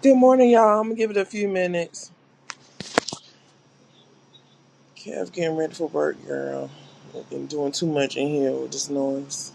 Good morning, y'all. I'm gonna give it a few minutes. Kev getting ready for work, girl. I've been doing too much in here with this noise.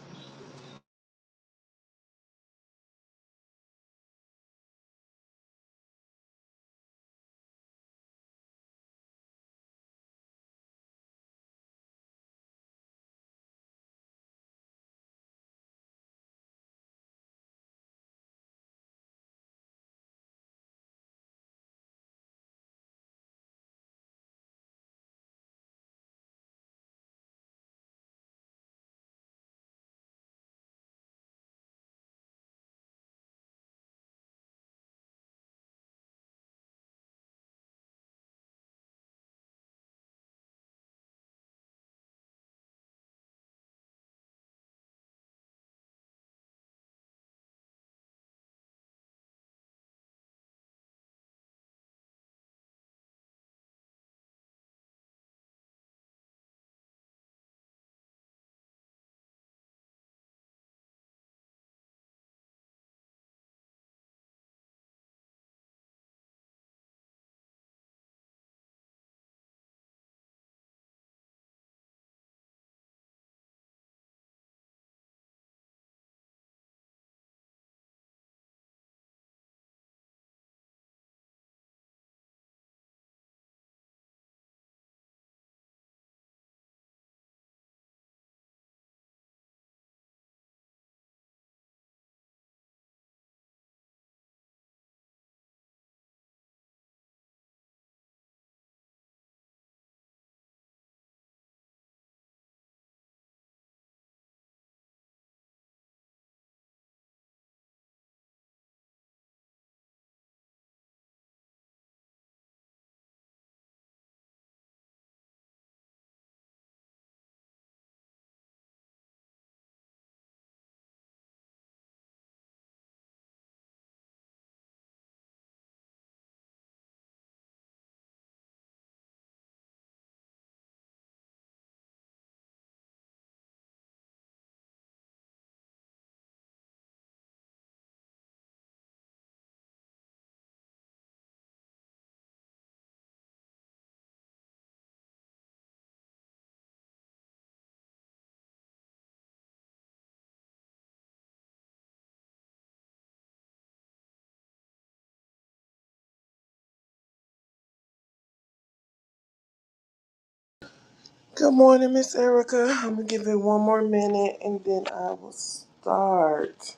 Good morning, Miss Erica. I'm gonna give it one more minute and then I will start.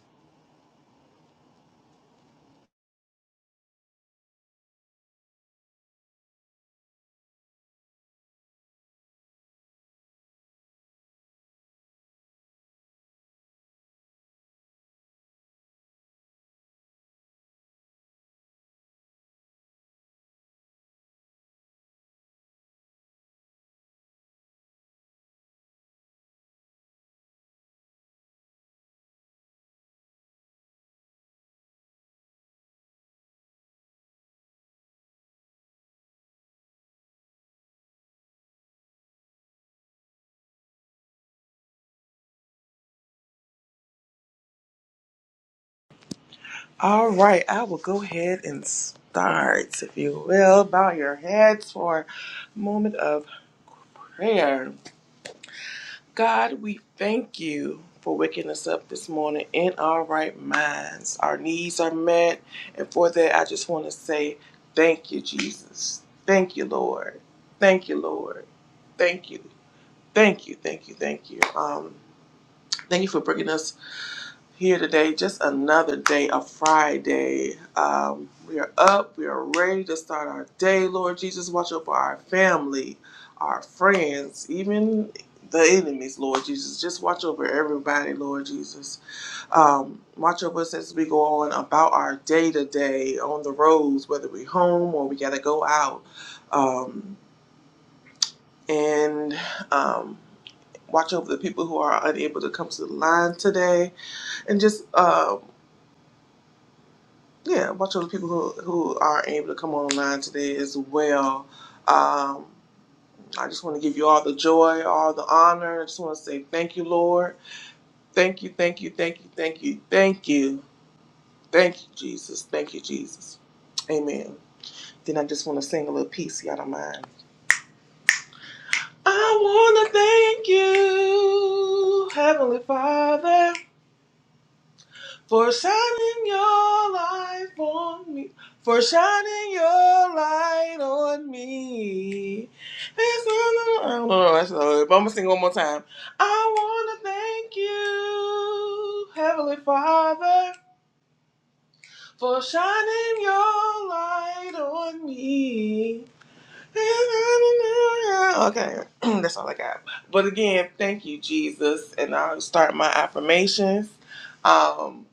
All right, I will go ahead and start, if you will. Bow your heads for a moment of prayer. God, we thank you for waking us up this morning in our right minds. Our needs are met. And for that, I just want to say thank you, Jesus. Thank you, Lord. Thank you, Lord. Thank you. Thank you. Thank you. Thank you. Um, thank you for bringing us here today. Just another day, a Friday. Um, we are up. We are ready to start our day. Lord Jesus, watch over our family, our friends, even the enemies, Lord Jesus. Just watch over everybody, Lord Jesus. Um, watch over us as we go on about our day to day on the roads, whether we home or we got to go out. Um, and um, watch over the people who are unable to come to the line today and just um Yeah, a bunch of people who who are able to come online today as well. Um, I just want to give you all the joy, all the honor. I just want to say thank you, Lord. Thank you, thank you, thank you, thank you, thank you, thank you, Jesus. Thank you, Jesus. Amen. Then I just want to sing a little piece, y'all don't mind. I want to thank you, Heavenly Father. For shining your light on me, for shining your light on me. It's not- I don't know the rest it, but I'm gonna sing one more time. I wanna thank you, Heavenly Father, for shining your light on me. Okay, that's all I got. But again, thank you, Jesus. And I'll start my affirmations. Um,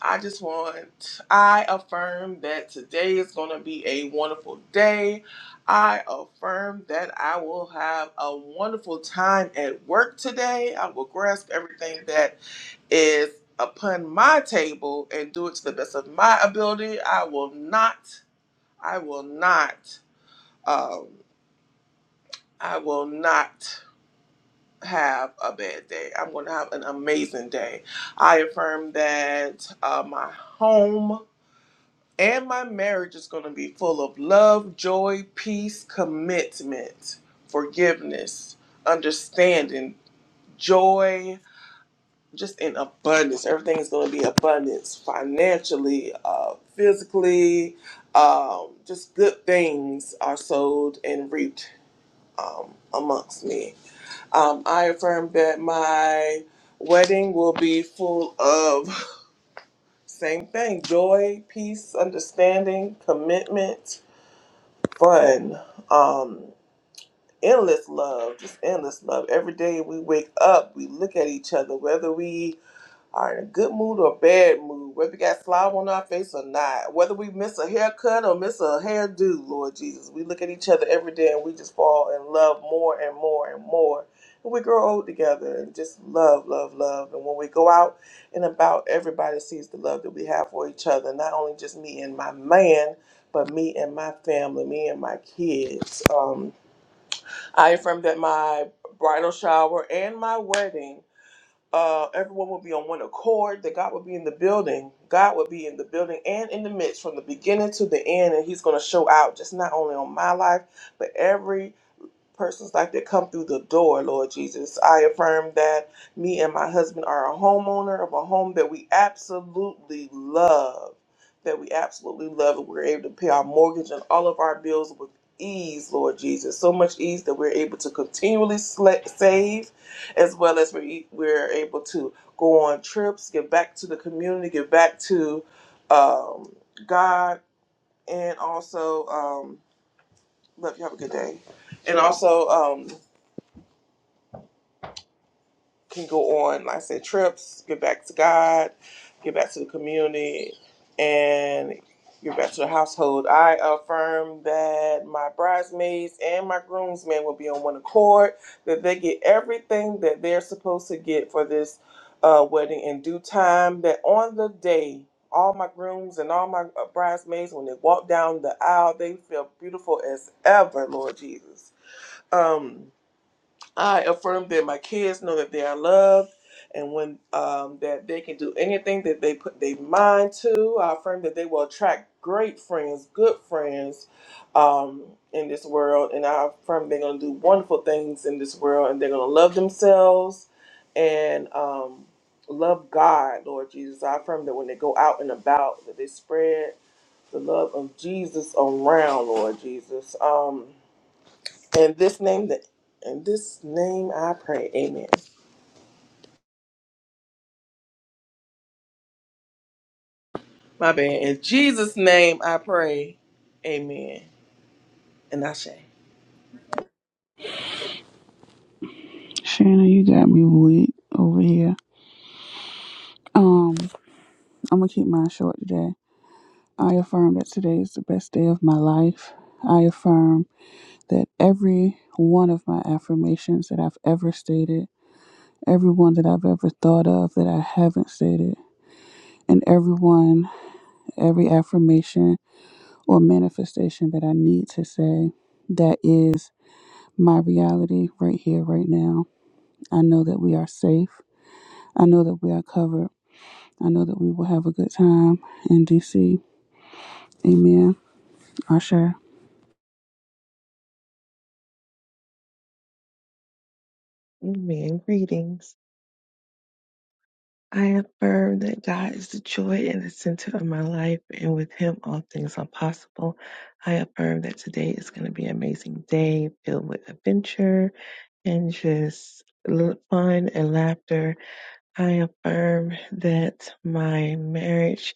I just want, I affirm that today is going to be a wonderful day. I affirm that I will have a wonderful time at work today. I will grasp everything that is upon my table and do it to the best of my ability. I will not, I will not, um, I will not have a bad day. I'm going to have an amazing day. I affirm that uh, my home. And my marriage is going to be full of love, joy, peace, commitment, forgiveness, understanding, joy, just in abundance. Everything is going to be abundance financially, uh, physically. Um, just good things are sowed and reaped um, amongst me. Um, I affirm that my wedding will be full of same thing joy, peace, understanding, commitment fun. Um, endless love, just endless love. Every day we wake up, we look at each other, whether we are in a good mood or a bad mood, whether we got flour on our face or not, whether we miss a haircut or miss a hairdo, Lord Jesus, we look at each other every day and we just fall in love more and more and more. And we grow old together and just love, love, love. And when we go out and about, everybody sees the love that we have for each other, not only just me and my man. But me and my family, me and my kids. Um, I affirm that my bridal shower and my wedding uh, everyone would be on one accord, that God would be in the building. God would be in the building and in the midst from the beginning to the end, and He's going to show out just not only on my life, but every persons like that come through the door, Lord Jesus. I affirm that me and my husband are a homeowner of a home that we absolutely love, that we absolutely love, and we're able to pay our mortgage and all of our bills with ease, Lord Jesus. So much ease that we're able to continually sla- save, as well as we we're able to go on trips, give back to the community, give back to um, God, and also um, love you. Have a good day. And also, um, can go on, like I said, trips, get back to God, get back to the community, and get back to the household. I affirm that my bridesmaids and my groomsmen will be on one accord, that they get everything that they're supposed to get for this uh, wedding in due time, that on the day, all my grooms and all my uh, bridesmaids, when they walk down the aisle, they feel beautiful as ever, Lord Jesus. Um, I affirm that my kids know that they are loved and when um, that they can do anything that they put their mind to. I affirm that they will attract great friends, good friends um, in this world. And I affirm they're going to do wonderful things in this world and they're going to love themselves and um, love God, Lord Jesus. I affirm that when they go out and about, that they spread the love of Jesus around, Lord Jesus. Um, in this name that in this name I pray. Amen. My bad. In Jesus' name I pray. Amen. And I say. Shanna, you got me weak over here. Um, I'm gonna keep mine short today. I affirm that today is the best day of my life. I affirm that every one of my affirmations that I've ever stated, every one that I've ever thought of that I haven't stated, and every one, every affirmation or manifestation that I need to say, that is my reality right here, right now. I know that we are safe. I know that we are covered I know that we will have a good time in DC. Amen. Usher. Amen. Greetings. I affirm that God is the joy and the center of my life, and with Him, all things are possible. I affirm that today is going to be an amazing day filled with adventure and just l- fun and laughter. I affirm that my marriage,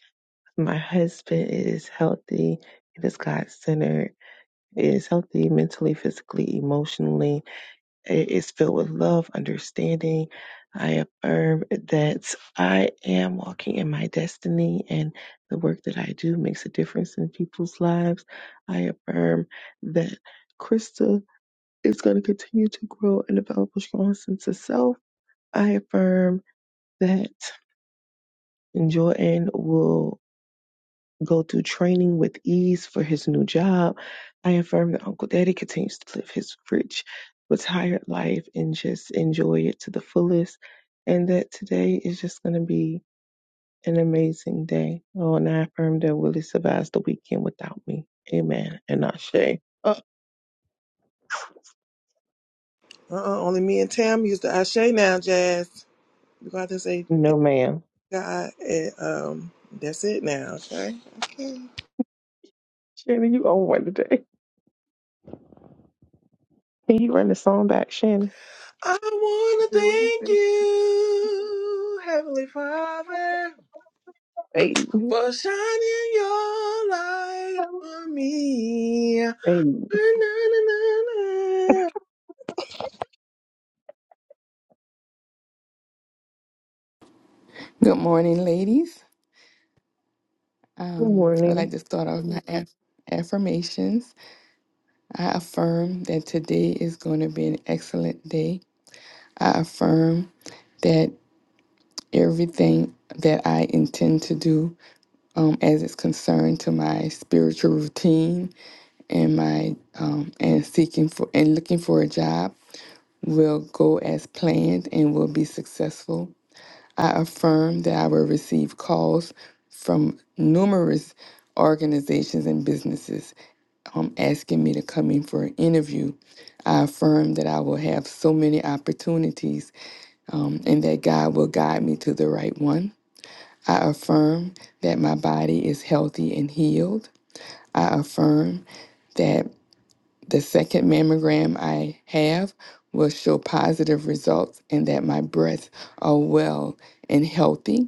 my husband is healthy, it is God centered, it is healthy mentally, physically, emotionally It is filled with love, understanding. I affirm that I am walking in my destiny and the work that I do makes a difference in people's lives. I affirm that Krista is going to continue to grow and develop a strong sense of self. I affirm that Joanne will go through training with ease for his new job. I affirm that Uncle Daddy continues to live his rich, retired life and just enjoy it to the fullest. And that today is just going to be an amazing day. Oh, and I affirm that Willie survives the weekend without me. Amen. And not Shay. Oh Uh-uh. Only me and Tam used to Ashe now, Jazz. You got to say it, no, ma'am. God and um that's it now, okay? Okay. Shannon, you own one today. Can you run the song back, Shannon? I wanna thank you, Heavenly Father, Hey. for shining your light on me. Na, Hey. na, na, na, na. Good morning, ladies. Good Um, I'd morning. like to start off my aff- affirmations. I affirm that today is going to be an excellent day. I affirm that everything that I intend to do, um, as it's concerned to my spiritual routine and my um, and seeking for and looking for a job, will go as planned and will be successful. I affirm that I will receive calls from numerous organizations and businesses um, asking me to come in for an interview. I affirm that I will have so many opportunities um, and that God will guide me to the right one. I affirm that my body is healthy and healed. I affirm that the second mammogram I have will show positive results and that my breasts are well and healthy.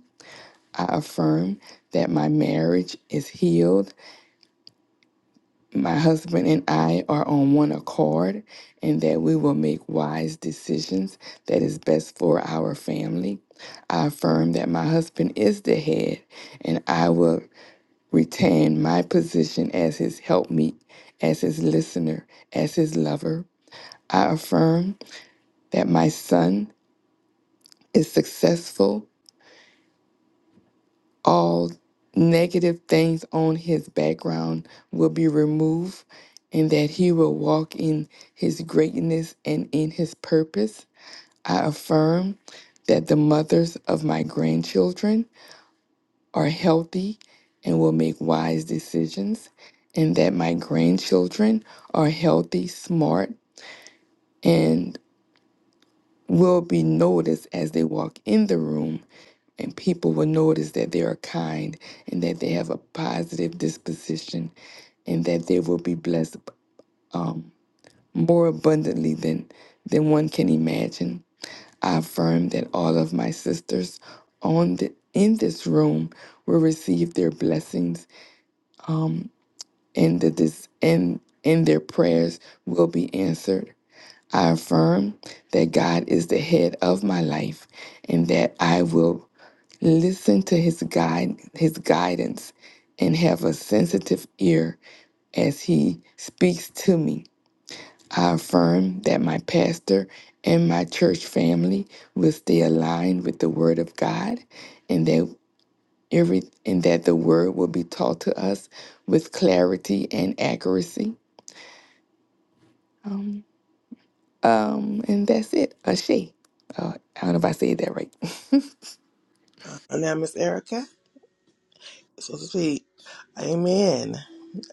I affirm that my marriage is healed, my husband and I are on one accord, and that we will make wise decisions that is best for our family. I affirm that my husband is the head, and I will retain my position as his helpmeet, as his listener, as his lover. I affirm that my son is successful all negative things on his background will be removed and that he will walk in his greatness and in his purpose. I affirm that the mothers of my grandchildren are healthy and will make wise decisions, and that my grandchildren are healthy, smart, and will be noticed as they walk in the room and people will notice that they are kind and that they have a positive disposition and that they will be blessed um, more abundantly than than one can imagine. I affirm that all of my sisters on the in this room will receive their blessings um, and that this and and their prayers will be answered. I affirm that God is the head of my life and that I will Listen to his guide, his guidance, and have a sensitive ear as he speaks to me. I affirm that my pastor and my church family will stay aligned with the word of God and that every and that the word will be taught to us with clarity and accuracy. Um, um and that's it. A she. Uh, I don't know if I said that right. Uh, now, Miss Erica. so to speak. Amen.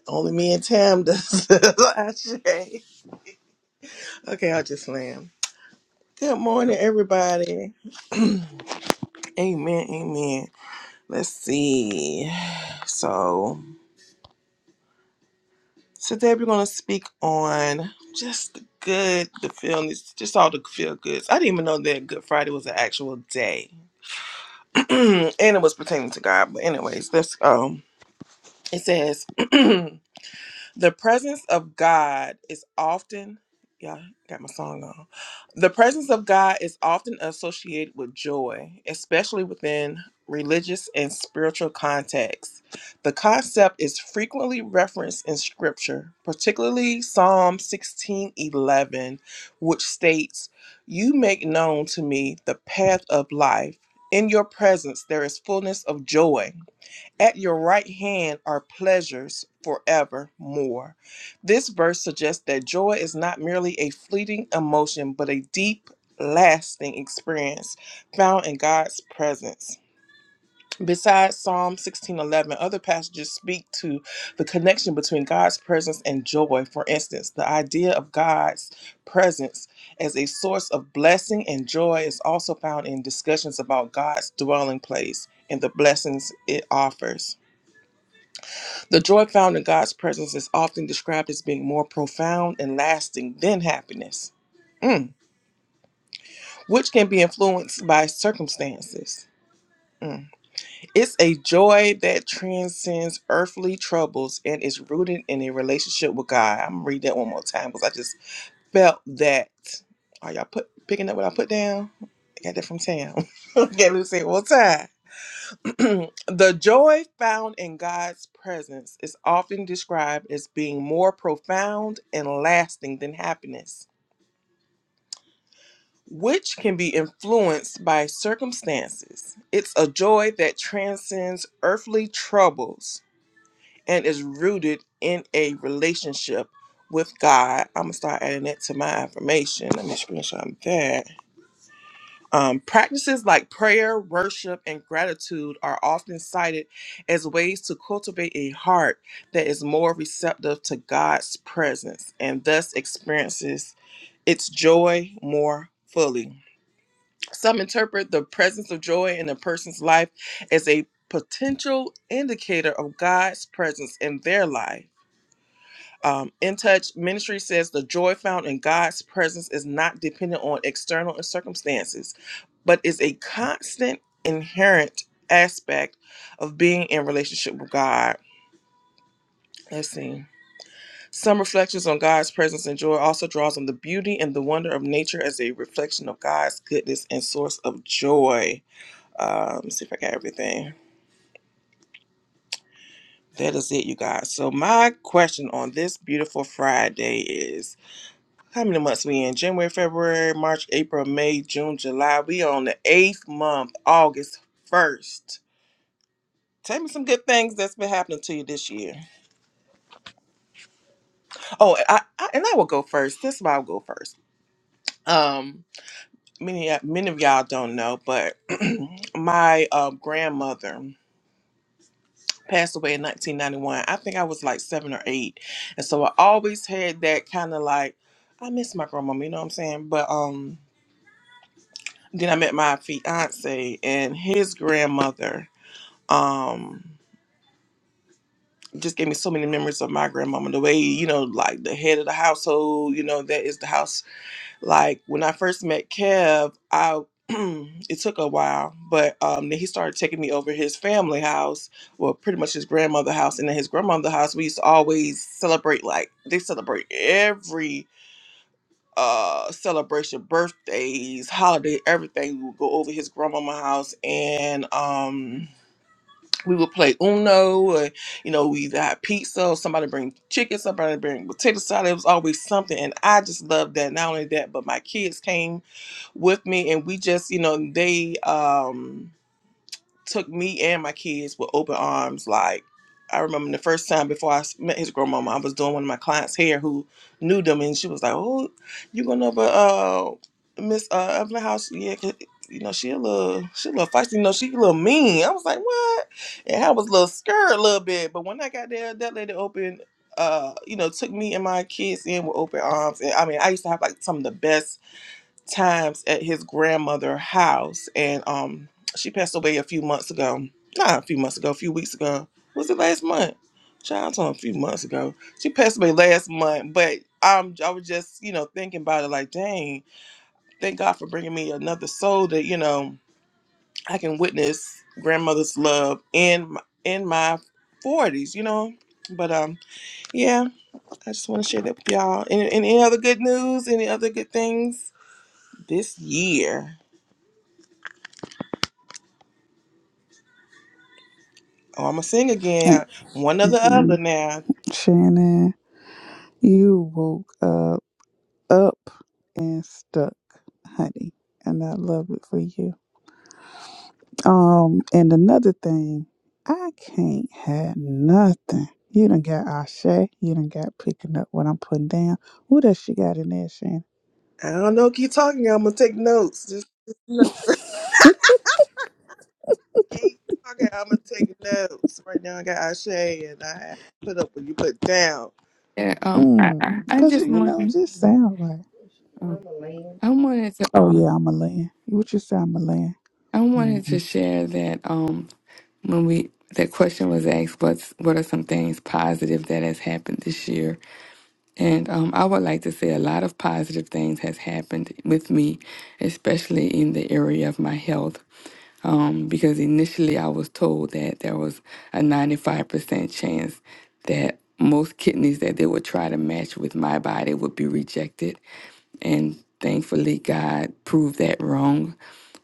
Only me and Tam does. Ashe. okay, I'll just slam. Good morning, everybody. Amen. Amen. Let's see. So today we're gonna speak on just the good, the feelings, just all the feel goods. I didn't even know that Good Friday was an actual day, and it was pertaining to God. But anyways, let's um. It says. The presence of God is often, yeah, I got my song on. The presence of God is often associated with joy, especially within religious and spiritual contexts. The concept is frequently referenced in scripture, particularly Psalm 16:11, which states, "You make known to me the path of life. In your presence there is fullness of joy." At your right hand are pleasures forevermore. This verse suggests that joy is not merely a fleeting emotion, but a deep, lasting experience found in God's presence. Besides Psalm 16:11, other passages speak to the connection between God's presence and joy. For instance, the idea of God's presence as a source of blessing and joy is also found in discussions about God's dwelling place and the blessings it offers. The joy found in God's presence is often described as being more profound and lasting than happiness, mm, which can be influenced by circumstances. Mm. It's a joy that transcends earthly troubles and is rooted in a relationship with God. I'm gonna read that one more time because I just felt that. Are y'all put picking up what I put down? I got that from Tam. okay, let me say it one time. the joy found in God's presence is often described as being more profound and lasting than happiness, which can be influenced by circumstances. It's a joy that transcends earthly troubles and is rooted in a relationship with God. I'm going to start adding that to my affirmation. Let me screenshot that. Um, practices like prayer, worship, and gratitude are often cited as ways to cultivate a heart that is more receptive to God's presence and thus experiences its joy more fully. Some interpret the presence of joy in a person's life as a potential indicator of God's presence in their life um, in touch ministry says the joy found in god's presence is not dependent on external circumstances but is a constant inherent aspect of being in relationship with god let's see some reflections on god's presence and joy also draws on the beauty and the wonder of nature as a reflection of god's goodness and source of joy uh, let me see if i got everything that is it you guys so my question on this beautiful friday is. How many months we in? January, February, March, April, May, June, July. We on the eighth month, August first. Tell me some good things that's been happening to you this year. Oh, and I, I and I will go first. This is why I'll go first. Um, many many of y'all don't know, but my uh, grandmother passed away in 1991. I think I was like seven or eight, and so I always had that kind of like I miss my grandmama. You know what I'm saying? But um, then I met my fiance and his grandmother. Um, just gave me so many memories of my grandmama. The way you know, like the head of the household. You know, that is the house. Like when I first met Kev, I it took a while, but um, then he started taking me over his family house. Well, pretty much his grandmother house, and then his grandmother house. We used to always celebrate like they celebrate every. uh celebration birthdays holiday everything we would go over his grandmama house and um we would play uno and you know we either had pizza or somebody bring chicken somebody bring potato salad it was always something and i just loved that not only that but my kids came with me and we just you know they um took me and my kids with open arms. Like I remember the first time before I s- met his grandmama, I was doing one of my clients' hair who knew them, and she was like, "Oh, you gonna know about uh Miss uh Evelyn House? Yeah, 'cause, you know she a little she a little feisty. You know she a little mean." I was like, "What?" And I was a little scared a little bit, but when I got there, that lady opened. Uh, you know, took me and my kids in with open arms, and I mean, I used to have like some of the best times at his grandmother's house, and um, she passed away a few months ago. Not a few months ago, a few weeks ago. Was it last month? Child's on a few months ago. She passed away last month, but um, I was just you know thinking about it, like, dang, thank God for bringing me another soul that you know I can witness grandmother's love in my, in my forties, you know. But um, yeah, I just want to share that with y'all. Any, any other good news? Any other good things this year? Oh, I'm gonna sing again. One or the Mm-hmm. other now. Shannon, you woke up, up and stuck, honey. And I love it for you. Um, and another thing, I can't have nothing. You done got Ashe. You done got picking up what I'm putting down. What else she got in there, Shannon? I don't know. Keep talking. I'm gonna take notes. Just, just look. keep talking. I'm gonna take notes. Right now, I got Ashe and I have put up what you put down. And um I, Mm, I, I Cause just you know, it wanted just sound right. um, I wanted to Oh um yeah, I'm a land. What you say, I'm a land? I wanted Mm-hmm. to share that um when we that question was asked what's what are some things positive that has happened this year and um, i would like to say a lot of positive things has happened with me especially in the area of my health um, because initially i was told that there was a 95% chance that most kidneys that they would try to match with my body would be rejected and thankfully, God proved that wrong.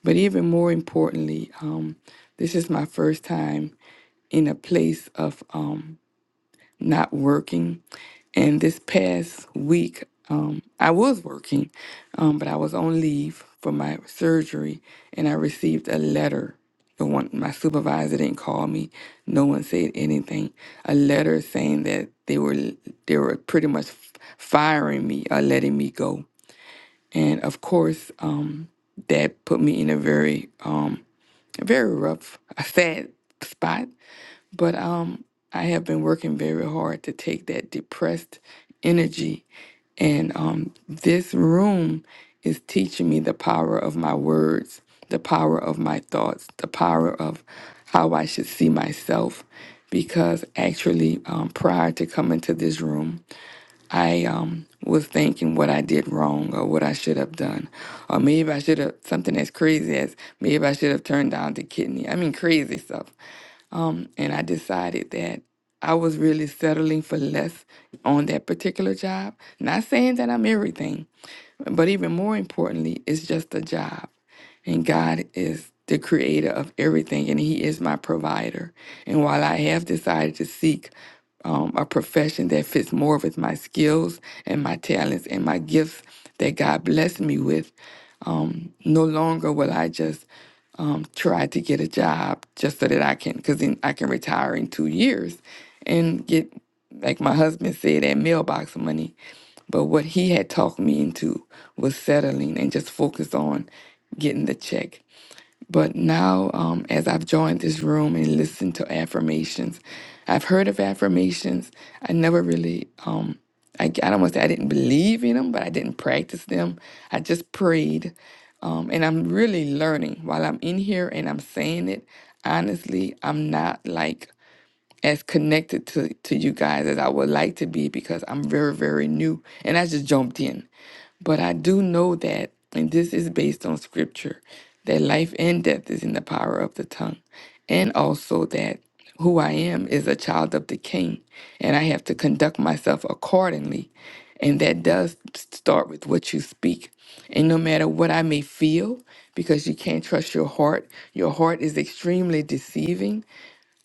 But even more importantly, um, this is my first time in a place of um, not working. And this past week, um, I was working, um, but I was on leave for my surgery, and I received a letter. The one, my supervisor didn't call me. No one said anything. A letter saying that they were they were pretty much firing me or letting me go and of course, um, that put me in a very, um, very rough, sad spot. But um, I have been working very hard to take that depressed energy, and um, this room is teaching me the power of my words, the power of my thoughts, the power of how I should see myself. Because actually, um, prior to coming to this room, I um, was thinking what I did wrong or what I should have done. Or maybe I should have, something as crazy as maybe I should have turned down the kidney. I mean, crazy stuff. And I decided that I was really settling for less on that particular job. Not saying that I'm everything, but even more importantly, it's just a job. And God is the creator of everything, and He is my provider. And while I have decided to seek um, a profession that fits more with my skills and my talents and my gifts that God blessed me with, um, no longer will I just um, try to get a job just so that I can, because then I can retire in two years and get, like my husband said, that mailbox money. But what he had talked me into was settling and just focus on getting the check. But now, um, as I've joined this room and listened to affirmations, I've heard of affirmations. I never really, um, I, I don't want to say I didn't believe in them, but I didn't practice them. I just prayed. Um, and I'm really learning while I'm in here and I'm saying it. Honestly, I'm not like as connected to, to you guys as I would like to be because I'm very, very new and I just jumped in. But I do know that, and this is based on scripture, that life and death is in the power of the tongue. And also that who I am is a child of the king, and I have to conduct myself accordingly. And that does start with what you speak. And no matter what I may feel, because you can't trust your heart, your heart is extremely deceiving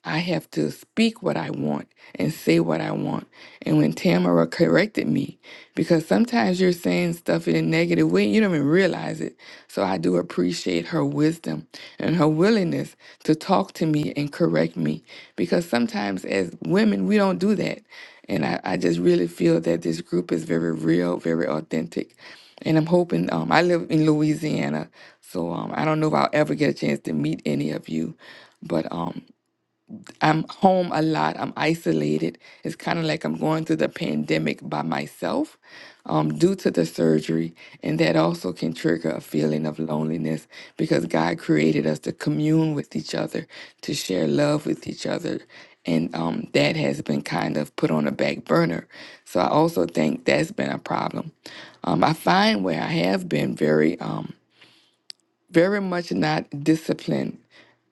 I have to speak what I want and say what I want. And when Tamara corrected me, because sometimes you're saying stuff in a negative way, you don't even realize it. So I do appreciate her wisdom and her willingness to talk to me and correct me. Because sometimes as women, we don't do that. And I, I just really feel that this group is very real, very authentic. And I'm hoping, um, I live in Louisiana, so um, I don't know if I'll ever get a chance to meet any of you. But um, I'm home a lot. I'm isolated. It's kind of like I'm going through the pandemic by myself um, due to the surgery. And that also can trigger a feeling of loneliness because God created us to commune with each other, to share love with each other. And um, that has been kind of put on a back burner. So I also think that's been a problem. Um, I find where I have been very, um, very much not disciplined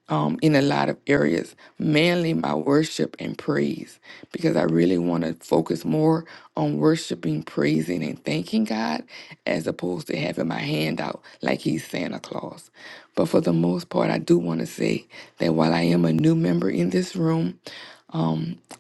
um, in a lot of areas, mainly my worship and praise, because I really want to focus more on worshiping, praising, and thanking God as opposed to having my hand out like He's Santa Claus. But for the most part, I do want to say that while I am a new member in this room,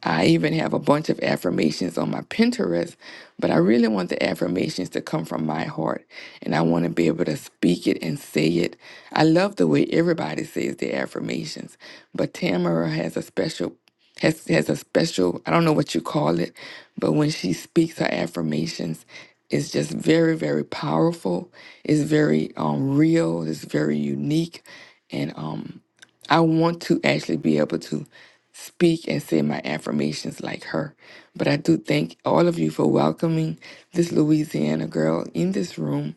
I even have a bunch of affirmations on my Pinterest, but I really want the affirmations to come from my heart and I want to be able to speak it and say it. I love the way everybody says their affirmations, but Tamara has a special has has a special, I don't know what you call it, but when she speaks her affirmations, it's just very very powerful. It's very um real, it's very unique and um I want to actually be able to speak and say my affirmations like her. But I do thank all of you for welcoming this Louisiana girl in this room.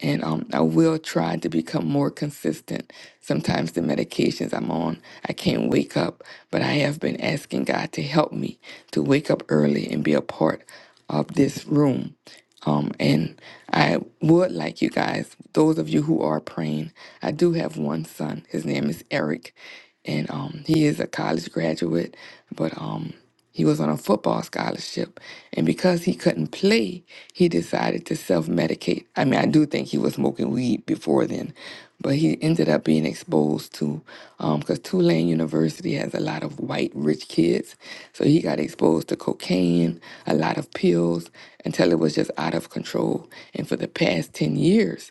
And um, I will try to become more consistent. Sometimes the medications I'm on, I can't wake up, but I have been asking God to help me to wake up early and be a part of this room um, and I would like you guys, those of you who are praying, I do have one son. His name is Eric, and um, he is a college graduate, but um, he was on a football scholarship. And because he couldn't play, he decided to self medicate. I mean, I do think he was smoking weed before then, but he ended up being exposed to because Tulane University has a lot of white rich kids, so he got exposed to cocaine, a lot of pills until it was just out of control. And for the past ten years,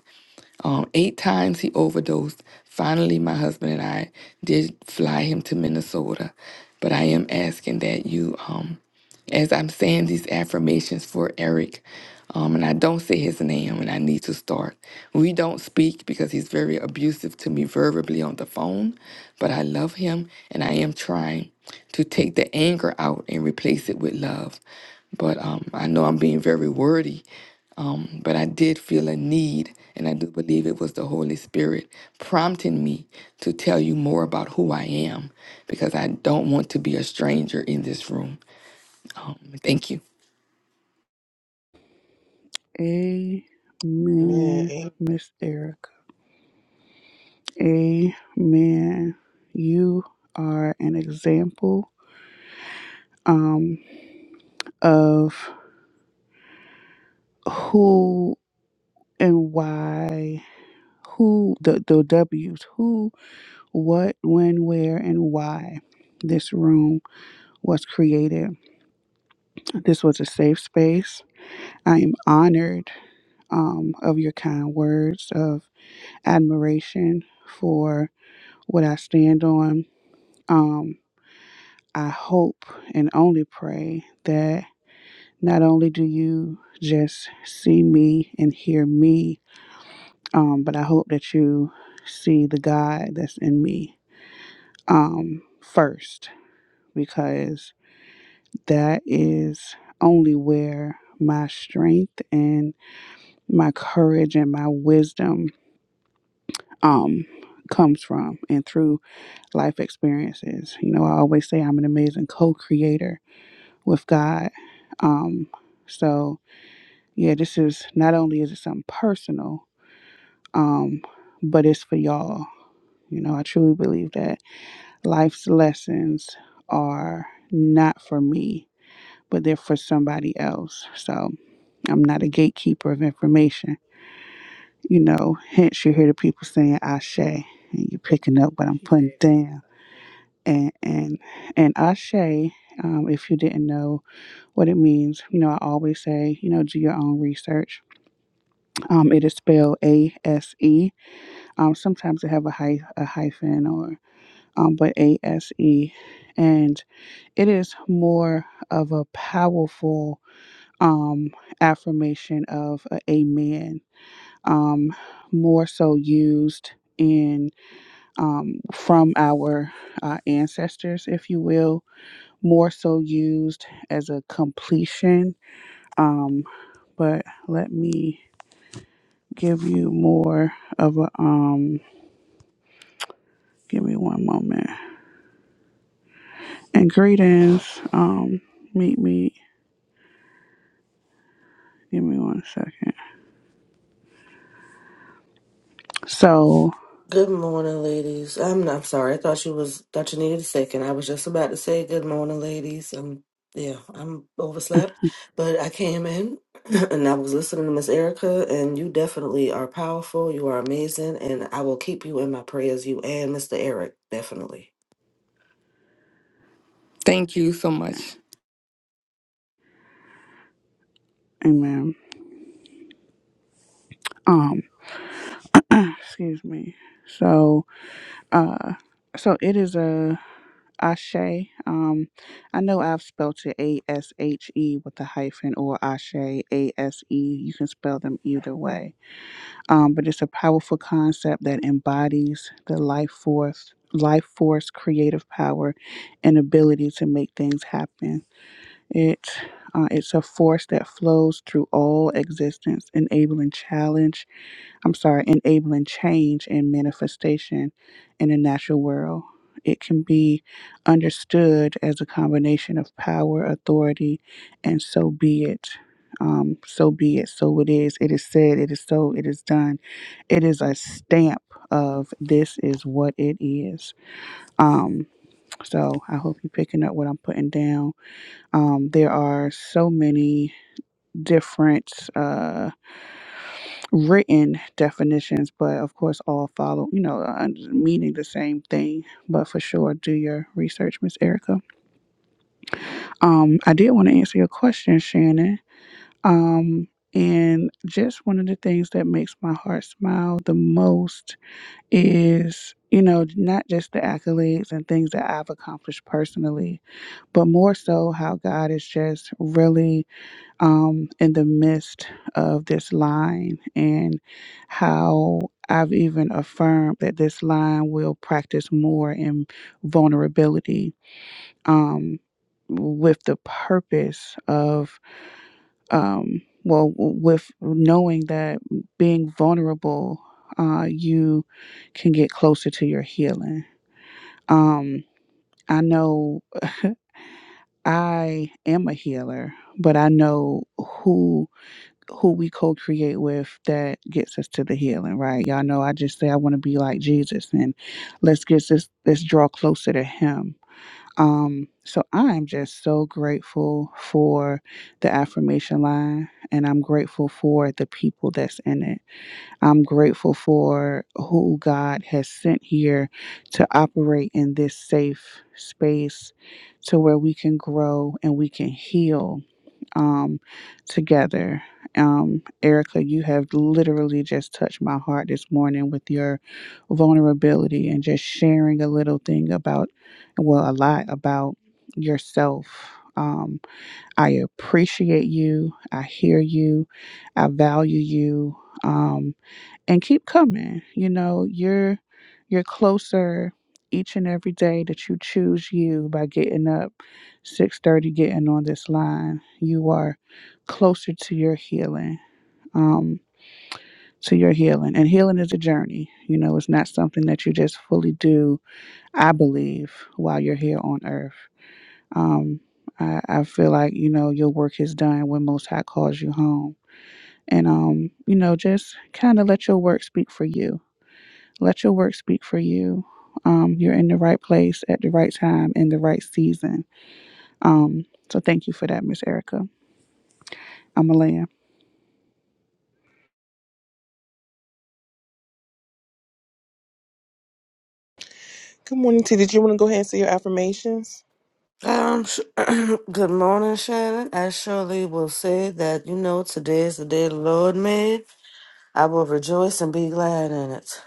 um, eight times he overdosed. Finally, my husband and I did fly him to Minnesota. But I am asking that you, um, as I'm saying these affirmations for Eric, um, and I don't say his name, and I need to start. We don't speak because he's very abusive to me verbally on the phone, but I love him, and I am trying to take the anger out and replace it with love. But um, I know I'm being very wordy, um, but I did feel a need, and I do believe it was the Holy Spirit prompting me to tell you more about who I am because I don't want to be a stranger in this room. Um, thank you. Amen, Man, amen. Miss Erica. Amen. You are an example um, of who and why, who the, the W's, who, what, when, where, and why this room was created. This was a safe space. I am honored um, of your kind words of admiration for what I stand on. Um, I hope and only pray that not only do you just see me and hear me, um, but I hope that you see the God that's in me um, first, because that is only where my strength and my courage and my wisdom um, comes from and through life experiences. You know, I always say I'm an amazing co creator with God. Um, so, yeah, this is not only is it something personal, um, but it's for y'all. You know, I truly believe that life's lessons are not for me, but they're for somebody else. So I'm not a gatekeeper of information. You know, hence you hear the people saying Ashe and you're picking up what I'm putting down. And and and Ashe, um, if you didn't know what it means, you know, I always say, you know, do your own research. Um, it is spelled A S E. Um, sometimes they have a, hy- a hyphen or um, but A S E, and it is more of a powerful um, affirmation of a amen. Um, more so used in um, from our uh, ancestors, if you will. More so used as a completion. Um, but let me give you more of a um. Give me one moment. and greetings. Um, meet me. Give me one second. So, Good morning, ladies. I'm not, I'm sorry. I thought you was thought you needed a second. I was just about to say good morning, ladies. Um, yeah, I'm overslept, but I came in and I was listening to Miss Erica, and you definitely are powerful. You are amazing, and I will keep you in my prayers. You and Mr. Eric, definitely. Thank you so much. amen. Um, excuse me. So, uh, so it is a ashe. Um, I know I've spelled it A S H E with a hyphen or ashe A S E. You can spell them either way. Um, but it's a powerful concept that embodies the life force, life force, creative power, and ability to make things happen. It uh, it's a force that flows through all existence, enabling challenge. I'm sorry, enabling change and manifestation in the natural world. It can be understood as a combination of power, authority, and so be it. Um, so be it. So it is. It is said. It is so. It is done. It is a stamp of this is what it is. Um, so I hope you're picking up what I'm putting down um, there are so many different uh, written definitions, but of course, all follow, you know, uh, meaning the same thing. But for sure, do your research, Miss Erica. Um, I did want to answer your question, Shannon. Um, and just one of the things that makes my heart smile the most is, you know, not just the accolades and things that I've accomplished personally, but more so how God is just really um, in the midst of this line and how I've even affirmed that this line will practice more in vulnerability um, with the purpose of, um, well, with knowing that being vulnerable, uh, you can get closer to your healing. Um, I know I am a healer, but I know who. who we co-create with that gets us to the healing, right? Y'all know I just say I want to be like Jesus and let's get this let's draw closer to him. Um so I am just so grateful for the affirmation line and I'm grateful for the people that's in it. I'm grateful for who God has sent here to operate in this safe space to where we can grow and we can heal um, together. Um, Erica, you have literally just touched my heart this morning with your vulnerability and just sharing a little thing about, well, a lot about yourself. Um, I appreciate you. I hear you. I value you. Um, and keep coming. You know, you're you're closer each and every day that you choose you by getting up 6:30 getting on this line. You are closer to your healing. Um to your healing. And healing is a journey. You know, it's not something that you just fully do, I believe, while you're here on earth. Um I, I feel like, you know, your work is done when most high calls you home. And um, you know, just kind of let your work speak for you let your work speak for you. Um, you're in the right place at the right time in the right season. Um, so thank you for that, Miss Erica. I'm Malaya. good morning, T. Did you want to go ahead and say your affirmations? Um, sh- good morning, Shannon. I surely will say that you know today is the day the Lord made. I will rejoice and be glad in it.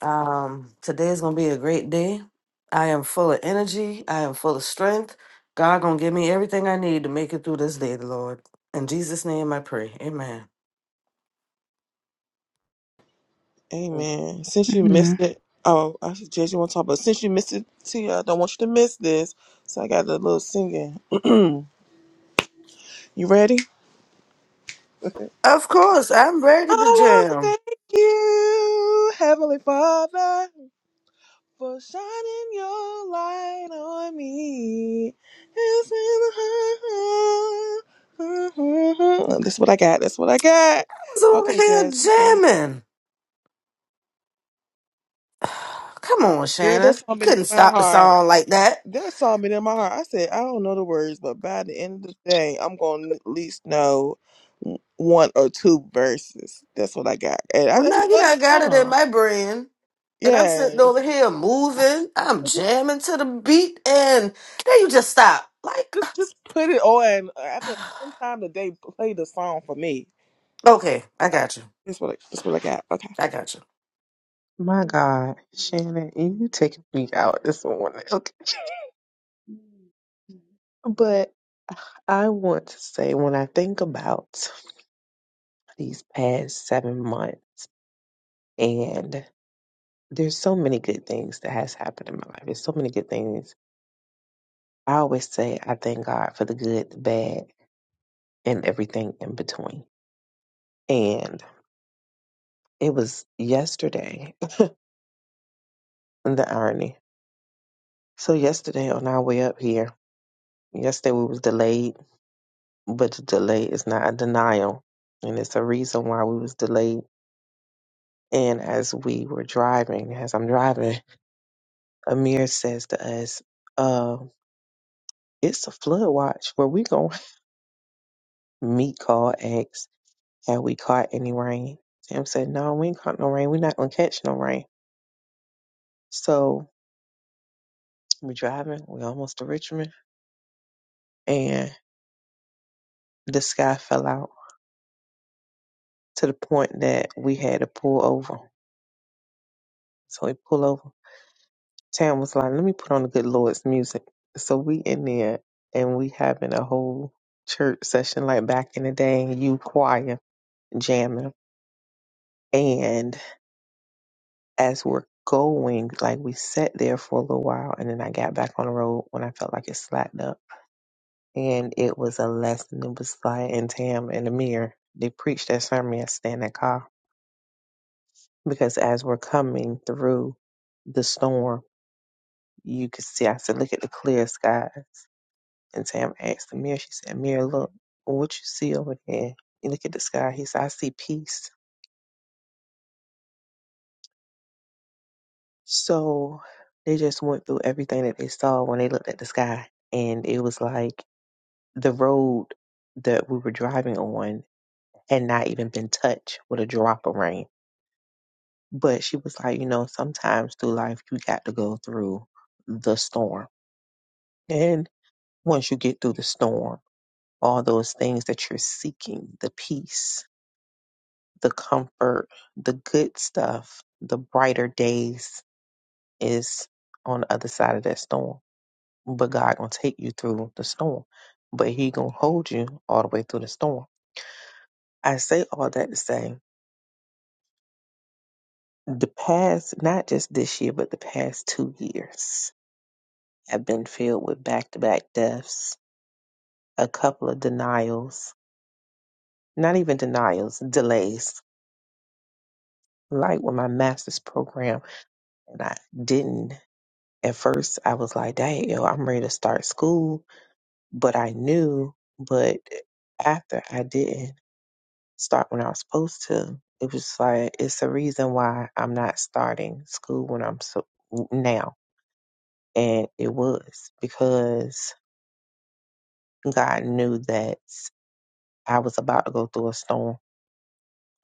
Um, today is gonna be a great day. I am full of energy. I am full of strength. God gonna give me everything I need to make it through this day, Lord. In Jesus' name, I pray. Amen. Amen. Since you missed Amen. it, oh, I suggest you want to talk, but since you missed it, T, I don't want you to miss this. So I got a little singing. you ready? I Of course, I'm ready to want to jam. thank you, Heavenly Father. For shining your light on me. It's in the- That's what I got. That's what I got. I was over Okay, Jazz, we good. here jamming. Come on, Girl, that Shannon. song been in Couldn't my stop the heart. song like that. That song been in my heart. I said, I don't know the words, but by the end of the day, I'm going to at least know w- one or two verses. That's what I got. And I, Well, I now just you love done that got it in song. my brain, and I'm sitting Yes. over here moving. I'm Just, jamming to the beat, and then you just stop. Like, just, just put it on. I feel sometime the day play the song for me. okay, I Oh, got you. That's what I, that's what I got. Okay. I got you. My God, Shannon, you taking me out this morning. Okay. But I want to say when I think about these past seven months and there's so many good things that has happened in my life. There's so many good things. I always say I thank God for the good, the bad, and everything in between. And it was yesterday, the irony. So yesterday on our way up here, yesterday we was delayed but the delay is not a denial and it's a reason why we was delayed and as we were driving as i'm driving amir says to us uh it's a flood watch where we gonna meet call x have we caught any rain sam said no we ain't caught no rain we not gonna catch no rain so we're driving we almost to richmond and the sky fell out to the point that we had to pull over so we pull over Tam was like, let me put on the good Lord's music. So we in there and we having a whole church session like back in the day and you choir jamming. And as we're going, like we sat there for a little while and then I got back on the road when I felt like it slacked up. And it was a lesson. It was like and Tam and Amir, they preached that sermon yesterday in that car. Because as we're coming through the storm, you could see I said, look at the clear sky And Tam asked the mirror. she said, "Mirror, look, what you see over there? You look at the sky. He said, I see peace. So they just went through everything that they saw when they looked at the sky. And it was like the road that we were driving on had not even been touched with a drop of rain. But she was like, you know, sometimes through life, you got to go through the storm. And once you get through the storm, all those things that you're seeking, the peace the comfort, the good stuff, the brighter days is on the other side of that storm. But God gonna take you through the storm. But He gonna hold you all the way through the storm. I say all that to say the past, not just this year, but the past two years have been filled with back to back deaths, a couple of denials, not even denials, delays. Like with my master's program, and I didn't at first I was like, dang, yo, I'm ready to start school, but I knew, but after I didn't start when I was supposed to, it was like, it's the reason why I'm not starting school when I'm so now. And it was because God knew that I was about to go through a storm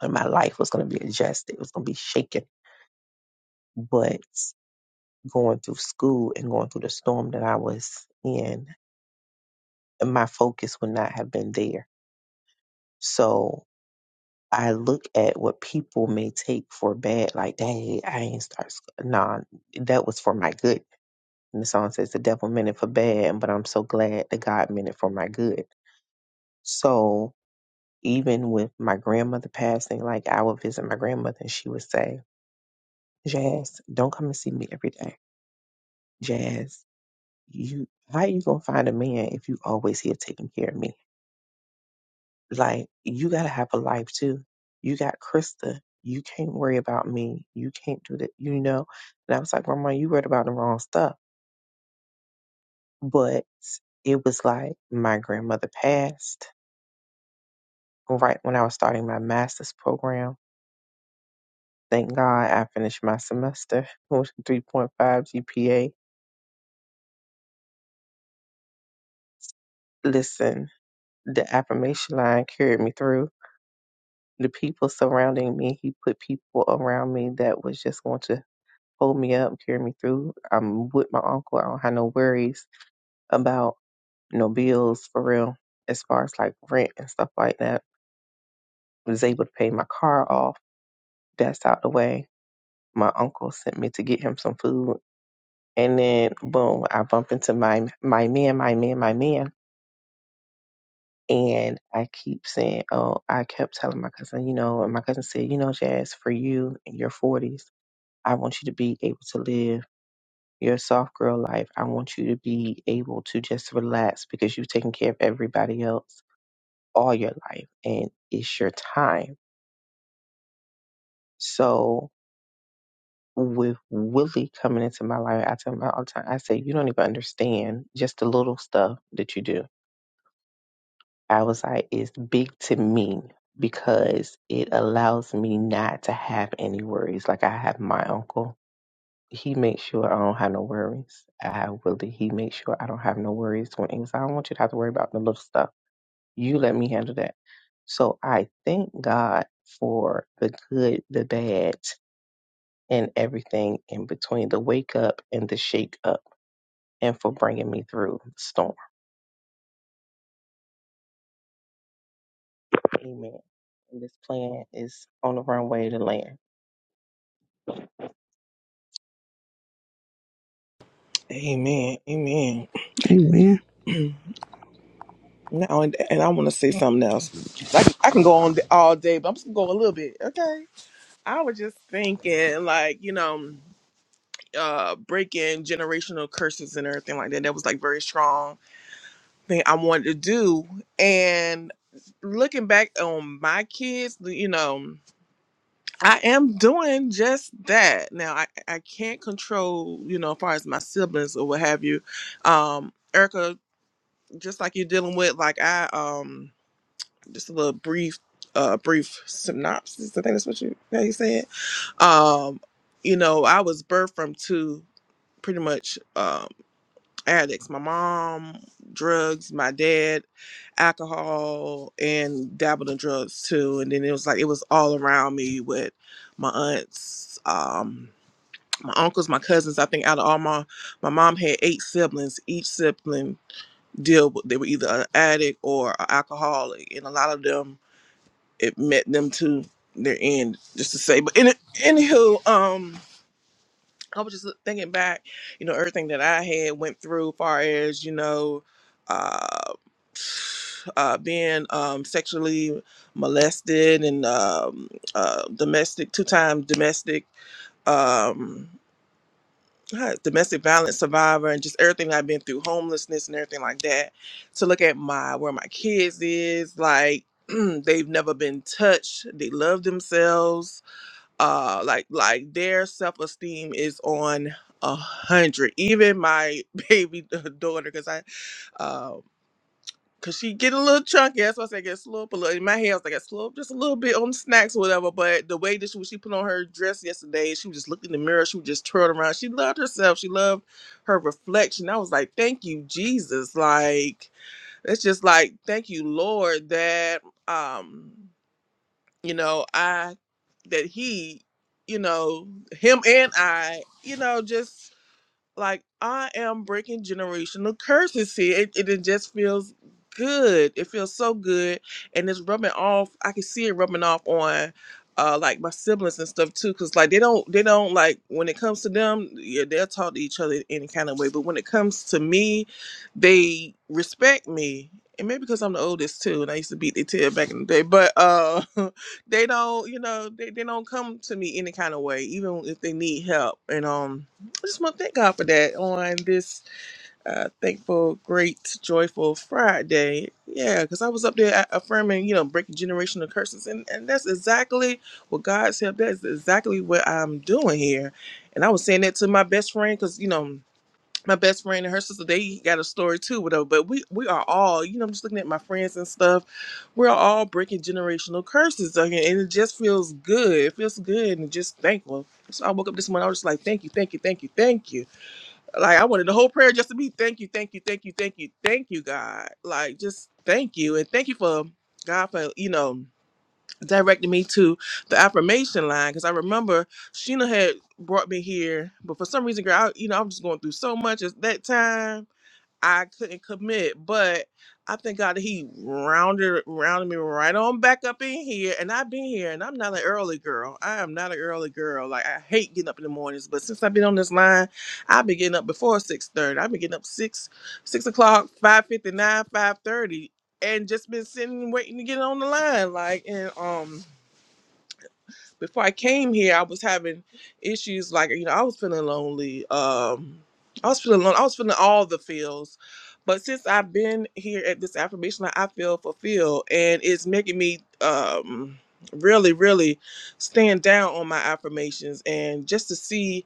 and my life was going to be adjusted. It was going to be shaken. But going through school and going through the storm that I was in, my focus would not have been there So I look at what people may take for bad, like, dang, I ain't start. sc- Nah, that was for my good. And the song says the devil meant it for bad, but I'm so glad that God meant it for my good. So even with my grandmother passing, like I would visit my grandmother and she would say, Jazz, don't come and see me every day. Jazz, you how you gonna find a man if you always here taking care of me? Like you gotta have a life too. You got Krista. You can't worry about me. You can't do that. You know. And I was like, Grandma, you worried about the wrong stuff. But it was like my grandmother passed right when I was starting my master's program. Thank God I finished my semester with a 3.5 GPA. Listen, the affirmation line carried me through. The people surrounding me, he put people around me that was just going to hold me up, carry me through. I'm with my uncle. I don't have no worries about no bills for real, as far as like rent and stuff like that. I was able to pay my car off. That's out the way. My uncle sent me to get him some food. And then boom, I bump into my my man, my man, my man. And I keep saying, Oh, I kept telling my cousin, you know, and my cousin said, you know, Jazz, for you in your forties, I want you to be able to live your soft girl life, I want you to be able to just relax because you've taken care of everybody else all your life and it's your time. So with Willie coming into my life, I tell him all the time, I say, you don't even understand just the little stuff that you do. I was like, it's big to me because it allows me not to have any worries. Like I have my uncle he makes sure I don't have no worries. I really he makes sure I don't have no worries when anxiety. I don't want you to have to worry about the little stuff. You let me handle that. So I thank God for the good, the bad, and everything in between, the wake up and the shake up, and for bringing me through the storm. Amen. And this plan is on the runway to land. Amen. Amen. Amen. now and, and I want to say something else. I can, I can go on all day, but I'm just gonna go a little bit. Okay. I was just thinking, like you know, uh, breaking generational curses and everything like that. That was like very strong thing I wanted to do. And looking back on my kids, you know. I am doing just that. Now I, I can't control, you know, as far as my siblings or what have you. Um, Erica, just like you're dealing with, like I um just a little brief uh brief synopsis, I think that's what you how you said. Um, you know, I was birthed from two pretty much um, addicts my mom drugs my dad alcohol and dabbled in drugs too and then it was like it was all around me with my aunts um my uncles my cousins i think out of all my my mom had eight siblings each sibling deal with they were either an addict or an alcoholic and a lot of them it met them to their end just to say but in anywho um I was just thinking back, you know, everything that I had went through, far as you know, uh, uh, being um, sexually molested and um, uh, domestic two-time domestic um, huh, domestic violence survivor, and just everything I've been through, homelessness and everything like that. To look at my where my kids is, like they've never been touched. They love themselves uh like like their self-esteem is on a hundred even my baby daughter because i um because she get a little chunky that's why i say get slow up a little in my hair i was like get slow up just a little bit on the snacks or whatever but the way that she, when she put on her dress yesterday she was just looked in the mirror she was just twirling around she loved herself she loved her reflection i was like thank you jesus like it's just like thank you lord that um you know i that he you know him and i you know just like I am breaking generational curses here. It, it, it just feels good. It feels so good, and it's rubbing off. I can see it rubbing off on. Uh, like my siblings and stuff too, cause like they don't, they don't like when it comes to them, yeah, they'll talk to each other any kind of way. But when it comes to me, they respect me, and maybe because I'm the oldest too, and I used to beat their tail back in the day. But uh, they don't, you know, they, they don't come to me any kind of way, even if they need help. And um, I just want to thank God for that on this uh, thankful, great, joyful Friday. Yeah, because I was up there a- affirming, you know, breaking generational curses, and, and that's exactly what God's help. That's exactly what I'm doing here. And I was saying that to my best friend because, you know, my best friend and her sister, they got a story too, whatever. But we we are all, you know, I'm just looking at my friends and stuff. We're all breaking generational curses, okay, and it just feels good. It feels good and just thankful. So I woke up this morning, I was just like, thank you, thank you, thank you, thank you like I wanted the whole prayer just to be thank you, thank you, thank you, thank you, thank you, God. Like just thank you and thank you for God for you know directing me to the affirmation line because I remember Sheena had brought me here, but for some reason, girl, I, you know I'm just going through so much at that time I couldn't commit, but I thank God that he rounded rounded me right on back up in here, and I've been here, and I'm not an early girl. I am not an early girl. Like I hate getting up in the mornings, but since I've been on this line, I've been getting up before six thirty. I've been getting up six six o'clock, five fifty nine, five thirty, and just been sitting waiting to get on the line. Like and um before I came here, I was having issues like you know I was feeling lonely. Um, I was feeling lonely. I was feeling all the feels, but since I've been here at this affirmation, line, I feel fulfilled, and it's making me um really really stand down on my affirmations and just to see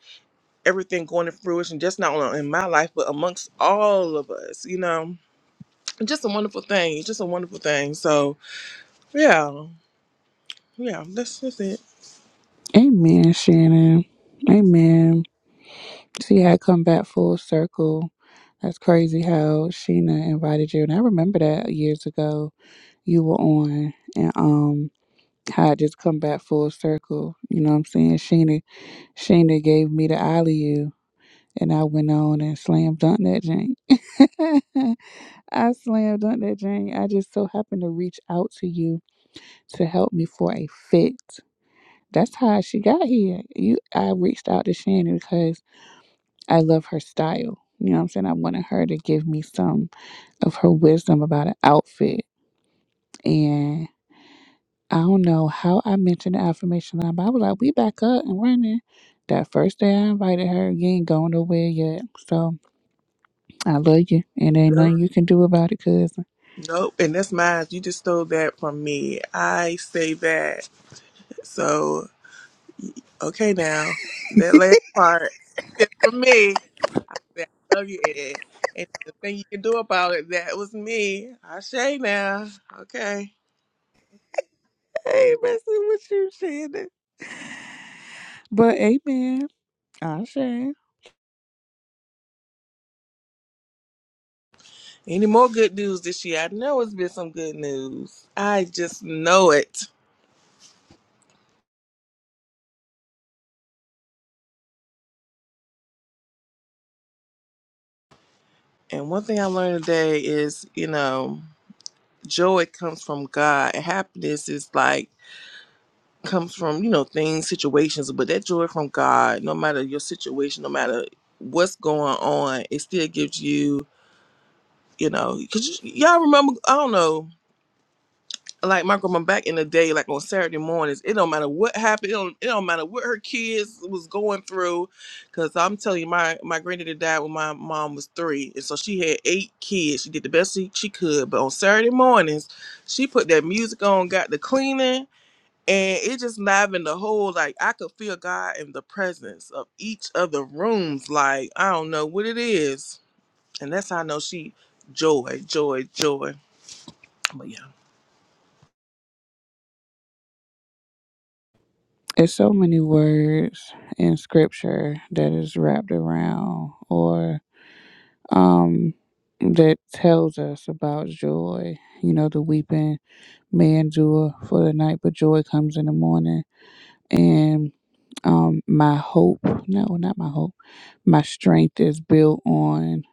everything going to fruition just not only in my life but amongst all of us you know It's just a wonderful thing It's just a wonderful thing so yeah yeah that's that's it Amen, Shannon. Amen. See how I come back full circle. That's crazy how Sheena invited you. And I remember that years ago you were on and um how I just come back full circle. You know what I'm saying? Sheena Sheena gave me the alley And I went on and slam dunked that Jane. I slam dunked that Jane. I just so happened to reach out to you to help me for a fit. That's how she got here. You, I reached out to Shannon because I love her style. You know what I'm saying? I wanted her to give me some of her wisdom about an outfit. And I don't know how I mentioned the affirmation line, but I was like, we back up and running. That first day I invited her, you ain't going nowhere yet. So I love you, and ain't nothing you can do about it, cousin. Nope, and that's mine. You just stole that from me. I say that. So, okay, now that last part is for me. That I love you, Ed. And the thing you can do about it, that was me. I say now. Okay. I ain't messing with you, Shannon. But amen. I say. Any more good news this year? I know it's been some good news. I just know it. And one thing I learned today is, you know, joy comes from God. Happiness is like comes from you know things situations but that joy from god no matter your situation no matter what's going on it still gives you you know because y'all remember i don't know like my grandma back in the day like on saturday mornings it don't matter what happened it don't, it don't matter what her kids was going through because i'm telling you my my granddaddy died when my mom was three and so she had eight kids she did the best she, she could but on saturday mornings she put that music on got the cleaning and it just livened the whole like I could feel God in the presence of each of the rooms. Like I don't know what it is, and that's how I know she joy, joy, joy. But yeah, It's so many words in scripture that is wrapped around or um that tells us about joy. You know, the weeping may endure for the night, but joy comes in the morning. And um my hope no, not my hope. My strength is built on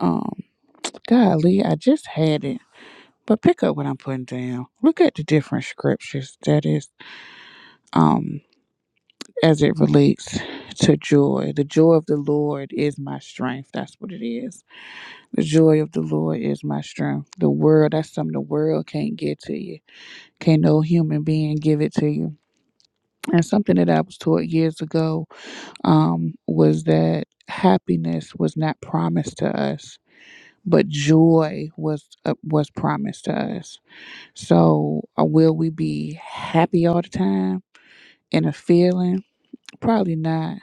um golly, I just had it. But pick up what I'm putting down. Look at the different scriptures that is um as it relates to joy. The joy of the Lord is my strength. That's what it is. The joy of the Lord is my strength. The world, that's something the world can't get to you. Can't no human being give it to you. And something that I was taught years ago um was that happiness was not promised to us, but joy was uh, was promised to us So, uh, will we be happy all the time in a feeling? Probably not.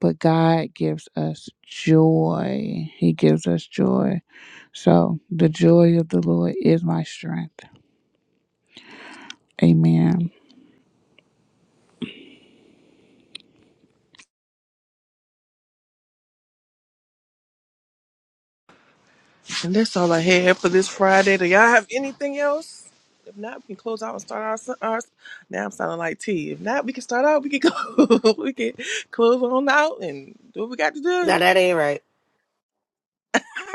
But God gives us joy. He gives us joy. So, the joy of the Lord is my strength. Amen. and that's all I had for this Friday. Do y'all have anything else? If not, we can close out and start our, s- our s- Now I'm sounding like T. If not, we can start out. We can go. we can close on out and do what we got to Now do. that ain't right.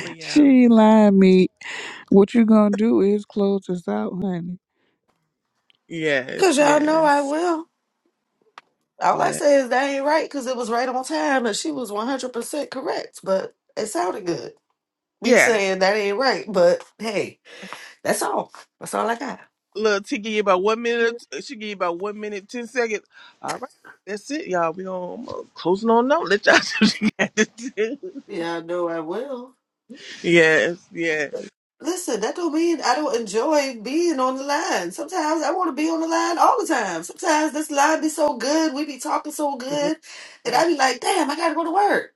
but yeah, She lied me. What you gonna do is close us out, honey. yes, Cause y'all know I yes, will. All I yeah, say is that ain't right because it was right on time and she was 100% correct, but it sounded good. Me yeah. saying that ain't right, but hey, that's all. That's all I got. Look, she give you about one minute. uh, She give you about one minute, ten seconds. All right, that's it, y'all. We gonna I'm going closing on note. Let y'all do what you got to do. Yeah, I know I will. Yes, yes, But Listen, that don't mean I don't enjoy being on the line. Sometimes I want to be on the line all the time. Sometimes this line be so good, we be talking so yes, good, and yes. I be like, damn, I gotta go to work.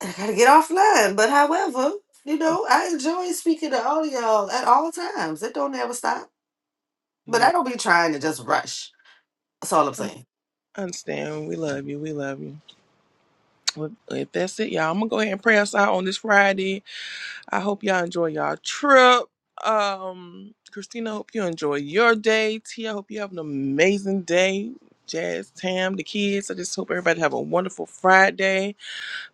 I gotta get offline. But however, you know, I enjoy speaking to all of y'all at all times. It don't ever stop. But I yes. don't be trying to just rush. That's all I'm I saying. Understand? We love you. We love you. Well, if that's it, y'all, I'm gonna go ahead and pray us out on this Friday. I hope y'all enjoy y'all trip. Um, Christina, I hope you enjoy your day. T, I hope you have an amazing day. Jazz, Tam, the kids. I just hope everybody have a wonderful Friday.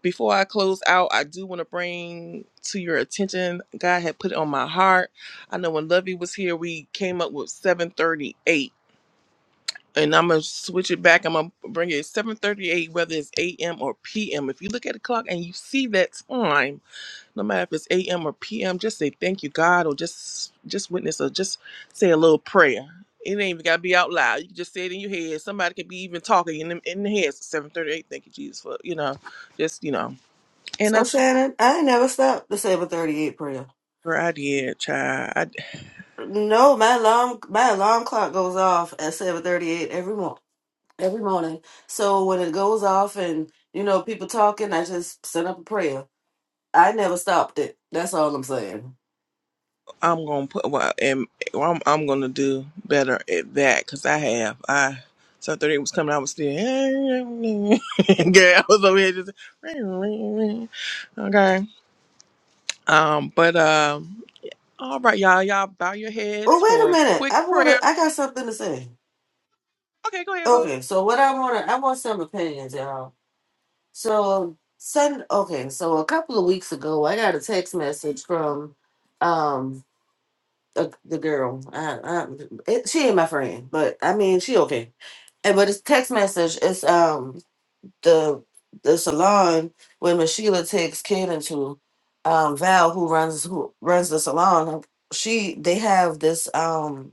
Before I close out, I do want to bring to your attention, God had put it on my heart. I know when Lovey was here, we came up with 738. And I'm gonna switch it back. I'm gonna bring it 7:38, whether it's a.m. or p.m. If you look at the clock and you see that time, no matter if it's a.m. or p.m., just say thank you, God, or just just witness, or just say a little prayer. It ain't even gotta be out loud. You can just say it in your head. Somebody could be even talking in the, in the head. 7:38. Thank you, Jesus, for you know, just you know. So Shannon, I ain't never stopped the seven thirty eight prayer. Girl, I did, child. I, No, my alarm my alarm clock goes off at seven thirty eight every morning. Every morning. So when it goes off and you know people talking, I just send up a prayer. I never stopped it. That's all I'm saying. I'm gonna put. Well, and well, I'm, I'm gonna do better at that because I have. I so thirty was coming. I was still. girl. I was over here just. Okay. Um. But um. All right, y'all. Y'all bow your Well, heads wait a for a minute. quick I wanna. prayer. I got something to say. Okay, go ahead, boo. Okay, so what I want to, I want some opinions, y'all. So, send, okay, so a couple of weeks ago, I got a text message from um a, the girl. I, I, it, she ain't my friend, but I mean, she okay. And but it's text message. It's um the the salon where Miss Sheila takes Kaden to um Val, who runs who runs the salon. She they have this um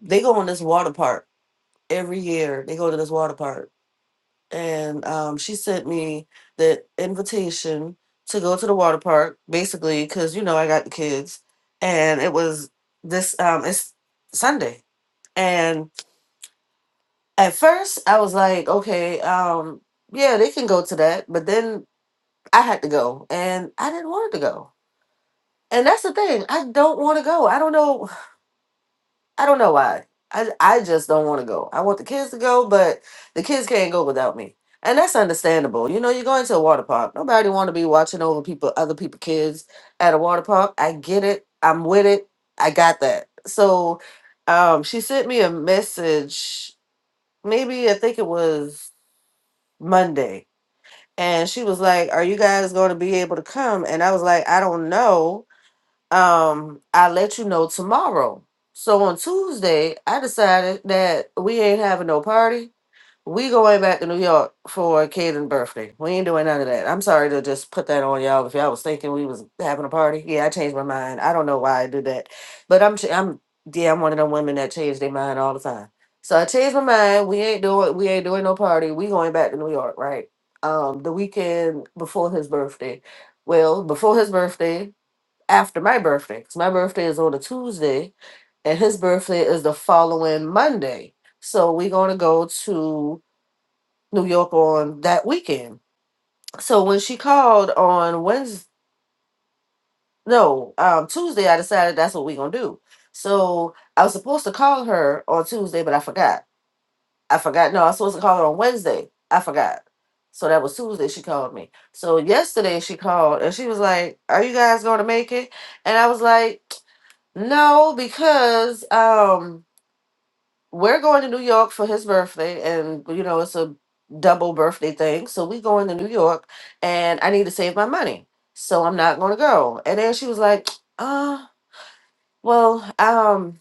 they go on this water park every year. They go to this water park and um, she sent me the invitation to go to the water park, basically, because you know I got the kids, and it was this um, it's Sunday, and at first I was like, okay, um, yeah, they can go to that, but then I had to go, and I didn't want to go, and that's the thing, I don't want to go. I don't know I don't know why. I I just don't want to go. I want the kids to go, but the kids can't go without me. And that's understandable. You know, you're going to a water park. Nobody want to be watching over people, other people kids at a water park. I get it. I'm with it. I got that. So, um she sent me a message maybe I think it was Monday. And she was like, "Are you guys going to be able to come?" And I was like, "I don't know." um i let you know tomorrow so on tuesday i decided that we ain't having no party we going back to new york for Caden's birthday we ain't doing none of that i'm sorry to just put that on y'all if y'all was thinking we was having a party yeah i changed my mind i don't know why i do that but i'm ch- i'm yeah i'm one of them women that change their mind all the time so i changed my mind we ain't doing we ain't doing no party we going back to new york right um the weekend before his birthday well before his birthday after my birthday because my birthday is on a Tuesday and his birthday is the following Monday. So we're going to go to New York on that weekend. So when she called on Wednesday, no, um, Tuesday, I decided that's what we're going to do. So I was supposed to call her on Tuesday, but I forgot. I forgot. No, I was supposed to call her on Wednesday. I forgot. So that was Tuesday she called me. So yesterday she called and she was like, Are you guys going to make it? And I was like, No, because um we're going to New York for his birthday and you know it's a double birthday thing. So we going to New York and I need to save my money. So I'm not gonna go. And then she was like, uh, well, um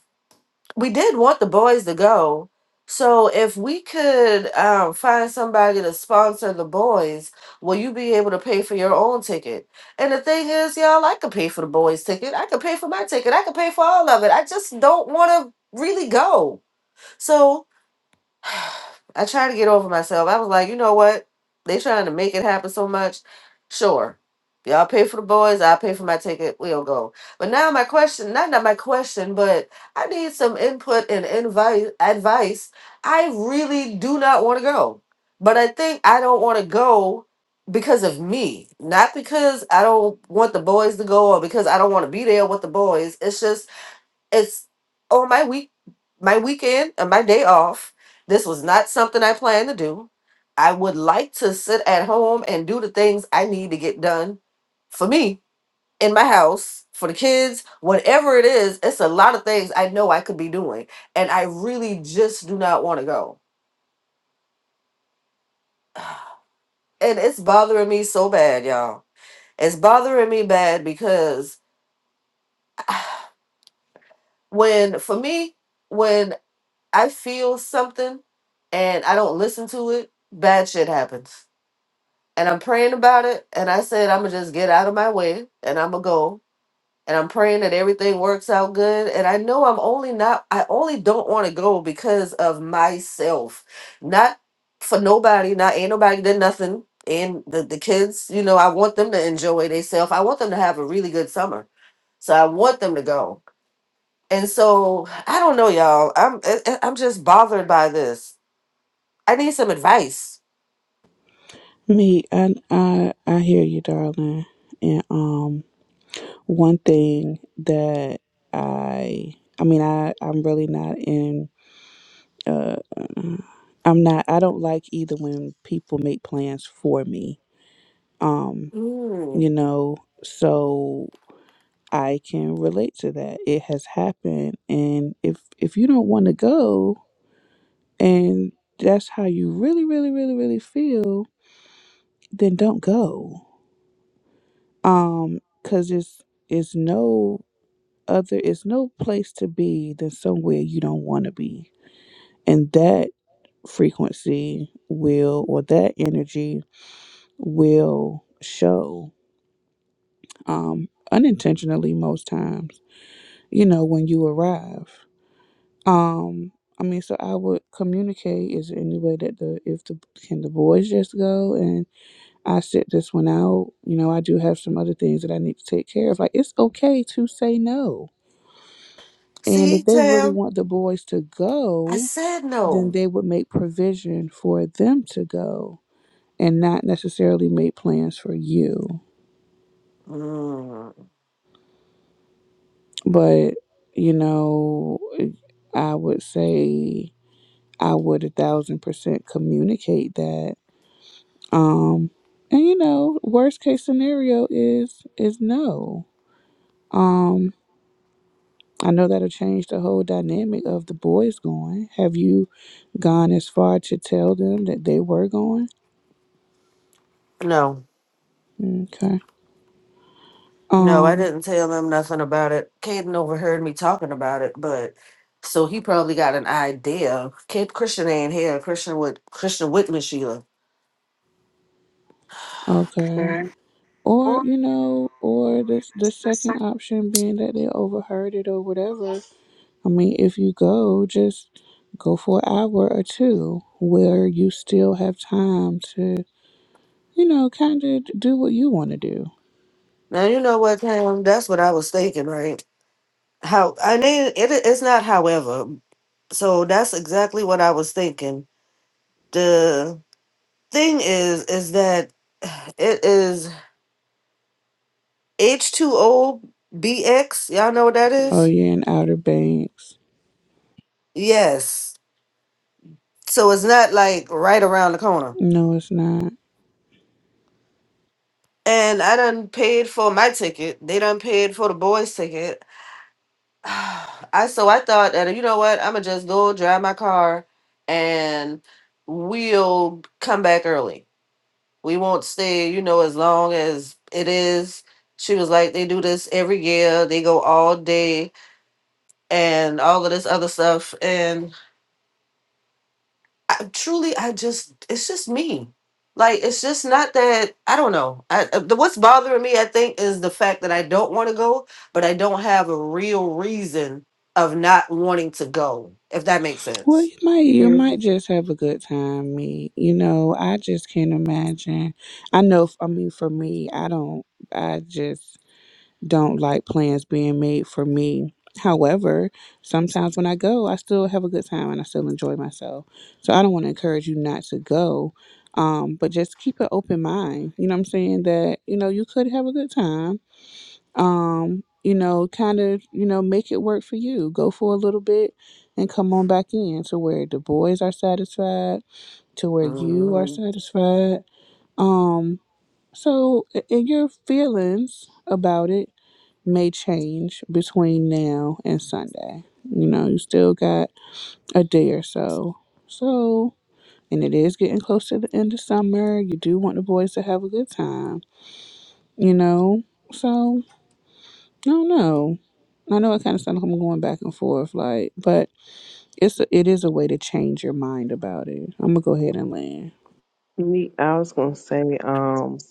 we did want the boys to go. So if we could um, find somebody to sponsor the boys, will you be able to pay for your own ticket? And the thing is, y'all, I could pay for the boys' ticket. I could pay for my ticket. I could pay for all of it. I just don't want to really go. So I tried to get over myself. I was like, you know what? They trying to make it happen so much. Sure. Y'all pay for the boys, I'll pay for my ticket, we'll go. But now my question, not not my question, but I need some input and invite advice. I really do not want to go. But I think I don't want to go because of me. Not because I don't want the boys to go or because I don't want to be there with the boys. It's just it's on my week my weekend and my day off this was not something i planned to do i would like to sit at home and do the things i need to get done for me in my house for the kids whatever it is it's a lot of things i know i could be doing and i really just do not want to go and it's bothering me so bad y'all it's bothering me bad because when for me when. I feel something and I don't listen to it, bad shit happens. And I'm praying about it. And I said, I'm going to just get out of my way and I'm going to go. And I'm praying that everything works out good. And I know I'm only not, I only don't want to go because of myself. Not for nobody, not ain't nobody did nothing. And the, the kids, you know, I want them to enjoy themselves. I want them to have a really good summer. So I want them to go. And so I don't know, y'all. I'm I- I'm just bothered by this. I need some advice. Me, I, I, I hear you, darling. And um, one thing that I, I mean, I, I'm really not in. uh, mm, I'm not. I don't like either when people make plans for me. Um, you Mm. know, so I can relate to that. It has happened, and if if you don't want to go, and that's how you really, really, really, really feel, then don't go. Um, cause it's it's no other. It's no place to be than somewhere you don't want to be, and that frequency will or that energy will show um unintentionally most times you know when you arrive um i mean so i would communicate is there any way that the if the can the boys just go and i sit this one out you know i do have some other things that i need to take care of like it's okay to say no and See, if they really Tam? want the boys to I go said then no. they would make provision for them to go and not necessarily make plans for you Mm. But, you know, I would say I would a thousand percent communicate that. Um, and you know, worst case scenario is is no. Um, I know that'll change the whole dynamic of the boys going. Have you gone as far to tell them that they were going? No, Okay. no, I Um, didn't tell him nothing about it. Caden overheard me talking about it, but so he probably got an idea. Kid Christian ain't here. Christian with Christian with me, Sheila. okay. Or, Or- you know, or this the second option being that they overheard it or whatever I mean, if you go, just go for an hour or two where you still have time to, you know, kind of do what you want to do. Now you know what, Tam? That's what I was thinking, right? How I mean, it, it's not. However, so that's exactly what I was thinking. The thing is, is that it is. H2O BX, y'all know what that Oh, is? you're in Outer Banks. Yes. So it's not like right around the corner. No, it's not. And I done paid for my ticket. They done paid for the boys' ticket. I so I thought that you know what, I'ma just go drive my car and we'll come back early. We won't stay, you know, as long as it is. She was like, they do this every year. They go all day and all of this other stuff. and. I, truly, I just, it's just me. Like, it's just not that, I don't know. I, uh, the, what's bothering me, I think, is the fact that I don't want to go, but I don't have a real reason of not wanting to go, if that makes Well, sense. you might you might just have a good time, me. You know, I just can't imagine. I know. f- I mean, for me, I don't. I just don't like plans being made for me. However, sometimes when I go, I still have a good time and I still enjoy myself. So I don't want to encourage you not to go, um, but just keep an open mind. You know what I'm saying? That, you know, you could have a good time. Um, you know, kind of, you know, make it work for you. Go for a little bit and come on back in to where the boys are satisfied, to where you are hmm satisfied. Um, so, in your feelings about it, may change between now and Sunday. You know, you still got a day or so. So, and it is getting close to the end of summer. You do want the boys to have a good time, you know? So, I don't know. I know it kind of sounds like I'm going back and forth, like, but it's a, it is a way to change your mind about it. I'm gonna go ahead and land. Me, I was gonna say, um,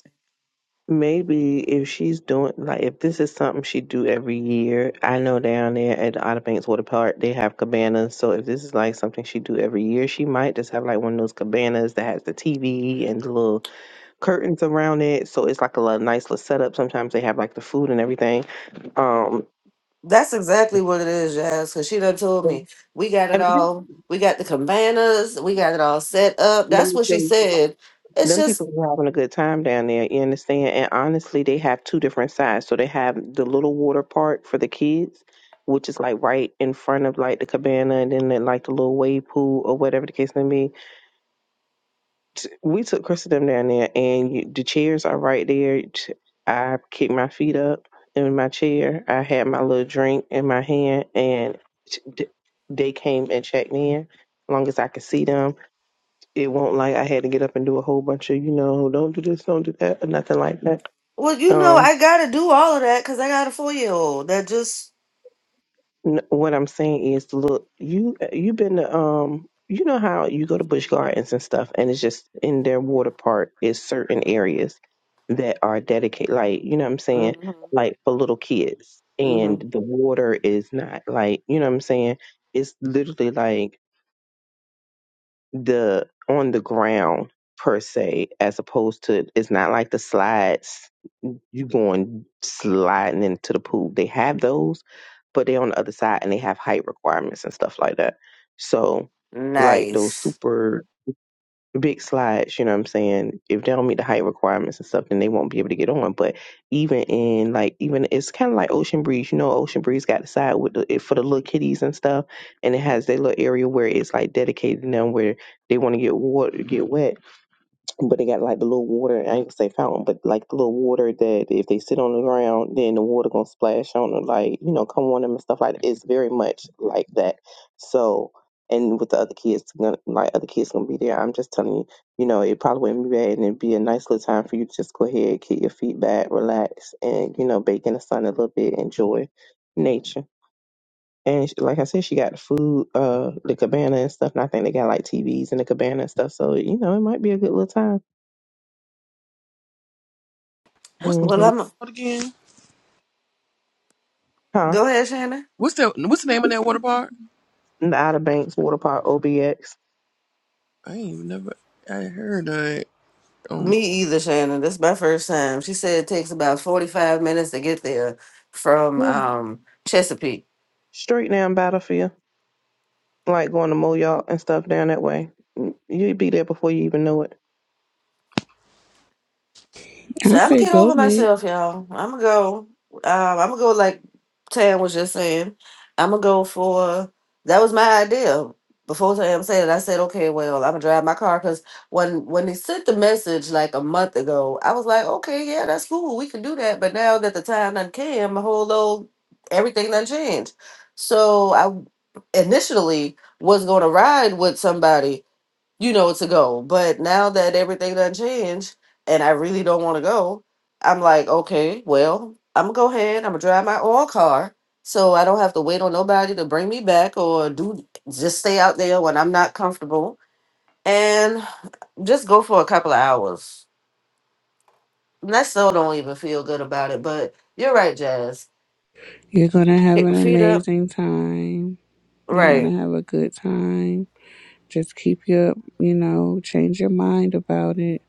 maybe if she's doing like if this is something she do every year, I know down there at the Outer Banks Water Park they have cabanas. So if this is like something she do every year, she might just have like one of those cabanas that has the TV and the little curtains around it, so it's like a little nice little setup. Sometimes they have like the food and everything. Um, That's exactly what it is, Jazz, because she done told me, and we got it all. We got the cabanas. We got it all set up. let That's me what say, she said. It's them just, people are having a good time down there. You understand? And honestly, they have two different sides. So they have the little water part for the kids, which is like right in front of like the cabana, and then they, like the little wave pool or whatever the case may be t- we took Christendom down there, and you, the chairs are right there. T- I kicked my feet up in my chair. I had my little drink in my hand, and t- d- they came and checked in. As long as I could see them, it won't like I had to get up and do a whole bunch of you know, don't do this, don't do that, or nothing like that. well, you know, Um, I got to do all of that because I got a four year old that just, N- what I'm saying is, look, you you've been to um, you know how you go to Busch Gardens and stuff, and it's just in their water park is certain areas that are dedicated, like you know what I'm saying, Mm-hmm. like for little kids, and the water is not like you know what I'm saying. It's literally like the on the ground per se, as opposed to it's not like the slides you going sliding into the pool. They have those, but they're on the other side and they have height requirements and stuff like that. So, like those Nice. super big slides, you know what I'm saying? If they don't meet the height requirements and stuff, then they won't be able to get on. But even in like, even it's kind of like Ocean Breeze. You know, Ocean Breeze got the side with the, it- for the little kitties and stuff, and it has their little area where it's like dedicated to them where they want to get water, get wet but they got like the little water. I ain't gonna say fountain, but like the little water that if they sit on the ground, then the water gonna splash on them, like you know, come on them and stuff like that. It's very much like that. So, and with the other kids, gonna- like other kids gonna be there. I'm just telling you, you know, it probably wouldn't be bad, and it'd be a nice little time for you to just go ahead, get your feet back, relax, and you know, bake in the sun a little bit, enjoy nature. And she, like I said, she got the food, uh, the cabana and stuff. And I think they got like TVs in the cabana and stuff. So you know, it might be a good little time What's hmm the Well, water I'm park again? Huh? go ahead, Shannon. What's the What's the name of that water park? In the Outer Banks water park, OBX. I ain't even never. I heard that on Me either, Shannon. That's my first time. She said it takes about 45 minutes to get there from Yeah. um Chesapeake. Straight down Battlefield, like going to Moyock and stuff down that way. Mm, You'd be there before you even know it. So I I'm gonna say get go, over Mick. myself, y'all. I'm gonna go. Um, I'm gonna go like Tam was just saying. I'm gonna go for that was my idea. Before Tam said it, I said, okay, well, I'm gonna drive my car because when when they sent the message like a month ago, I was like, okay, yeah, that's cool, we can do that. But now that the time done came, my whole old everything done changed. So I initially was gonna ride with somebody you know, to go. But now that everything done changed and I really don't want to go, I'm like, okay, well, I'm gonna go ahead, I'm gonna drive my own car so I don't have to wait on nobody to bring me back or do just stay out there when I'm not comfortable and just go for a couple of hours. And I still don't even feel good about it, but you're right, Jazz. You're gonna have an Feet up, amazing time. You're right. gonna have a good time Just keep your, you know, change your mind about it.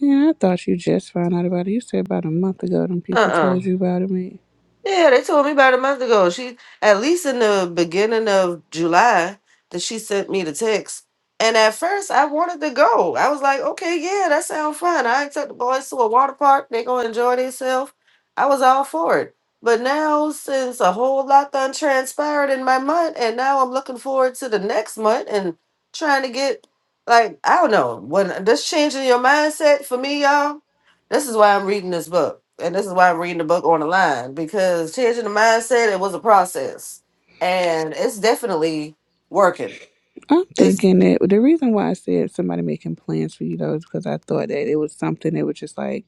And I thought you just found out about it. You said about a month ago, them Uh people uh told you about it. Man. Yeah, they told me about a month ago. She, at least in the beginning of July, that she sent me the text. And at first, I wanted to go. I was like, okay, yeah, that sounds fun. I took the boys to a water park. They gonna enjoy themselves. I was all for it. But now, since a whole lot done transpired in my month, and now I'm looking forward to the next month and trying to get, like, I don't know, when this changing your mindset for me, y'all. This is why I'm reading this book. And this is why I'm reading the book on the line because changing the mindset, it was a process. And it's definitely working. I'm It's thinking that the reason why I said somebody making plans for you though is because I thought that it was something that was just like,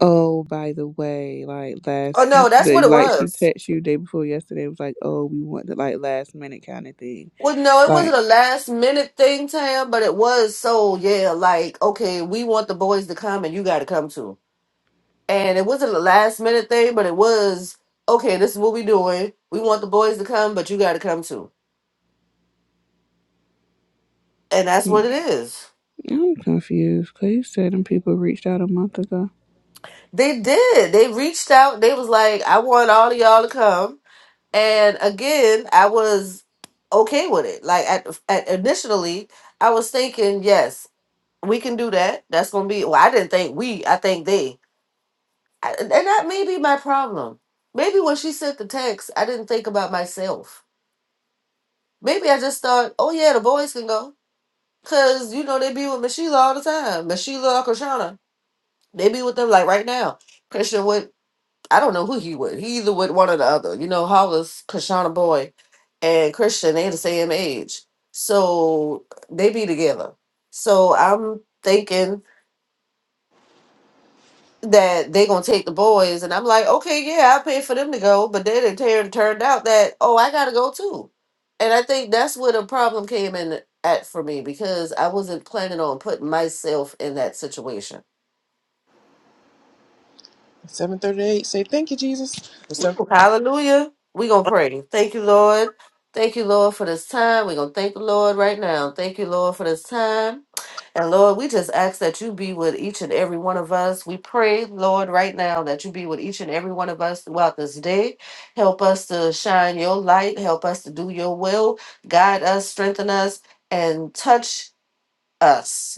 oh, by the way, like last, oh no, you- that's the, what it like she was. texted you day before yesterday. It was like, oh, we want the like last minute kind of thing. Well, no, it wasn't Like, a last minute thing, Tam, but it was so yeah, like, okay, we want the boys to come and you gotta come too. And it wasn't a last minute thing, but it was, okay, this is what we doing. We want the boys to come, but you gotta come too. And that's what mm, it is. I'm confused because you said them people reached out a month ago. They did. They reached out. They was like, I want all of y'all to come. And again, I was okay with it. Like at, at initially, I was thinking, yes, we can do that. That's gonna be. Well, I didn't think we. I think they. I, and that may be my problem. Maybe when she sent the text, I didn't think about myself. Maybe I just thought, oh yeah, the boys can go, cause you know they be with Michelle all the time. Michelle or Krishana, they be with them like right now. Christian with I don't know who he would. He either would one or the other. You know, Hollis, Krishana Boy, and Christian, they the same age. So they be together. So I'm thinking that they gonna take the boys and I'm like, okay, yeah, I paid for them to go, but then it turned turned out that, oh, I gotta go too. And I think that's where the problem came in at for me because I wasn't planning on putting myself in that situation seven thirty eight. Say thank you, Jesus. Ooh, Hallelujah. We're going to pray. Thank you, Lord. Thank you, Lord, for this time. We're going to thank the Lord right now. Thank you, Lord, for this time. And Lord, we just ask that you be with each and every one of us. We pray, Lord, right now that you be with each and every one of us throughout this day. Help us to shine your light. Help us to do your will. Guide us, strengthen us, and touch us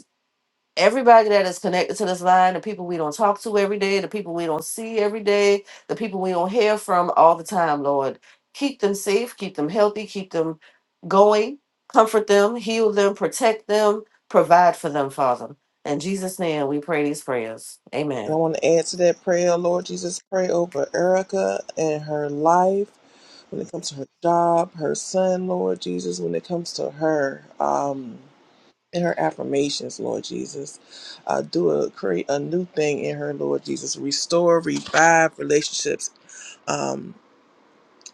everybody that is connected to this line, the people we don't talk to every day, the people we don't see every day, the people we don't hear from all the time, Lord. Keep them safe, keep them healthy, keep them going, comfort them, heal them, protect them, provide for them, Father. In Jesus' name, we pray these prayers. Amen. And I want to add to that prayer, Lord Jesus, pray over Erica and her life when it comes to her job, her son, Lord Jesus, when it comes to her um, and her affirmations, Lord Jesus. Uh, do a create a new thing in her, Lord Jesus. Restore, revive relationships um,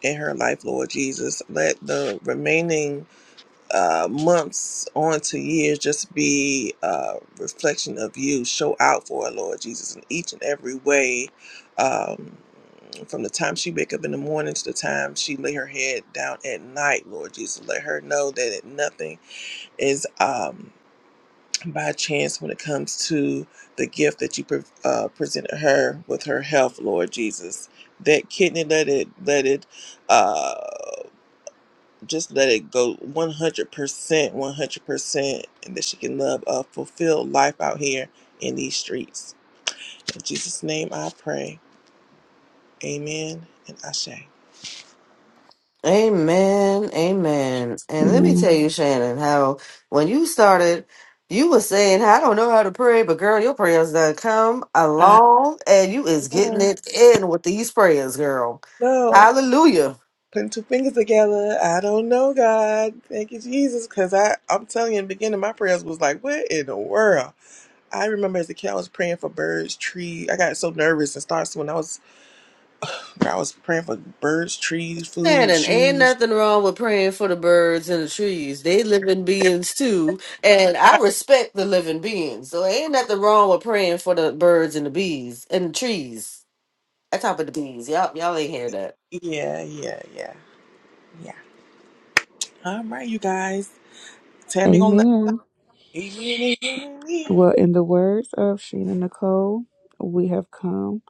in her life, Lord Jesus. Let the remaining uh, months on to years just be a reflection of you. Show out for her, Lord Jesus, in each and every way. Um, from the time she wake up in the morning to the time she lay her head down at night, Lord Jesus, let her know that nothing is um, by chance when it comes to the gift that you pre- uh, presented her with her health, Lord Jesus. That kidney, let it, let it. Uh, just let it go 100%, 100%, and that she can love a fulfilled life out here in these streets. In Jesus' name I pray. Amen and Ashe. Amen, amen. And let me Amen. tell you, Shannon, how when you started, you was saying, I don't know how to pray, but girl, your prayers done come I along and you is getting don't it in with these prayers, girl. know. Hallelujah. Putting two fingers together. I don't know, God. Thank you, Jesus. Because I'm i I'm telling you, in the beginning, my prayers was like, what in the world? I remember as a kid, I was praying for birds, trees. I got so nervous and starts when I was, I was praying for birds, trees, food, Shannon, ain't shoes. nothing wrong with praying for the birds and the trees. They living beings too. And I Yeah, respect the living beings. So ain't nothing wrong with praying for the birds and the bees and the trees. I talk about the bees. Y'all y'all ain't hear that. Yeah, yeah, yeah. All right, you guys. Tammy gonna let Amen. Amen. Amen. Well, in the words of Sheena Nicole, we have come,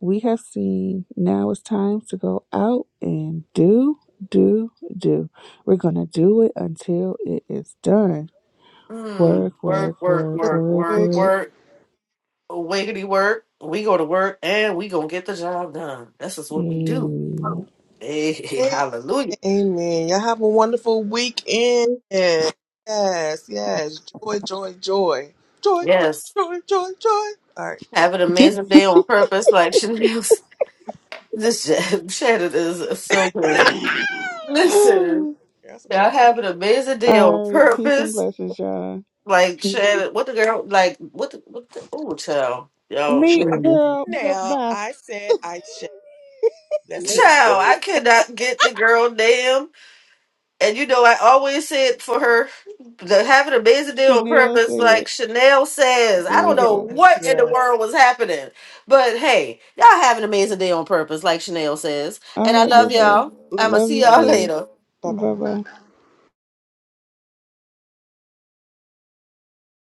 we have seen. Now it's time to go out and do, do, do. We're going to do it until it is done. Mm, Work, work, work, work, work, work, work, work, amen. work. work, wiggity work. We go to work and we gonna get the job done. That's just what we do. Mm. Hey, hallelujah. Amen. Y'all have a wonderful weekend. Yes, yes. Joy, joy, joy. Joy, joy, Yes. joy, joy, joy. All right. Have an amazing day on purpose, like Chanel. said. This sh- Shannon is so crazy. That's Listen, All the y'all have an amazing day on right. Peace and purpose, blessings, y'all. like Mhm. Shannon. What the girl, like, what the, what the, oh, child. Y'all, Me, that. Sure. mm. girl. Now Bye. I said I should. That's me. Me, child, too. I cannot get the girl name. and you know, I always said for her the having a busy day on Chanel purpose, said, like Chanel says. there I don't you know go. Yes, what in the yes. world was happening, but hey, y'all have an amazing day on purpose, like Chanel says. And All I right, boo love boo. y'all. I'ma Love see you y'all too. later. Bye bye. Bye bye.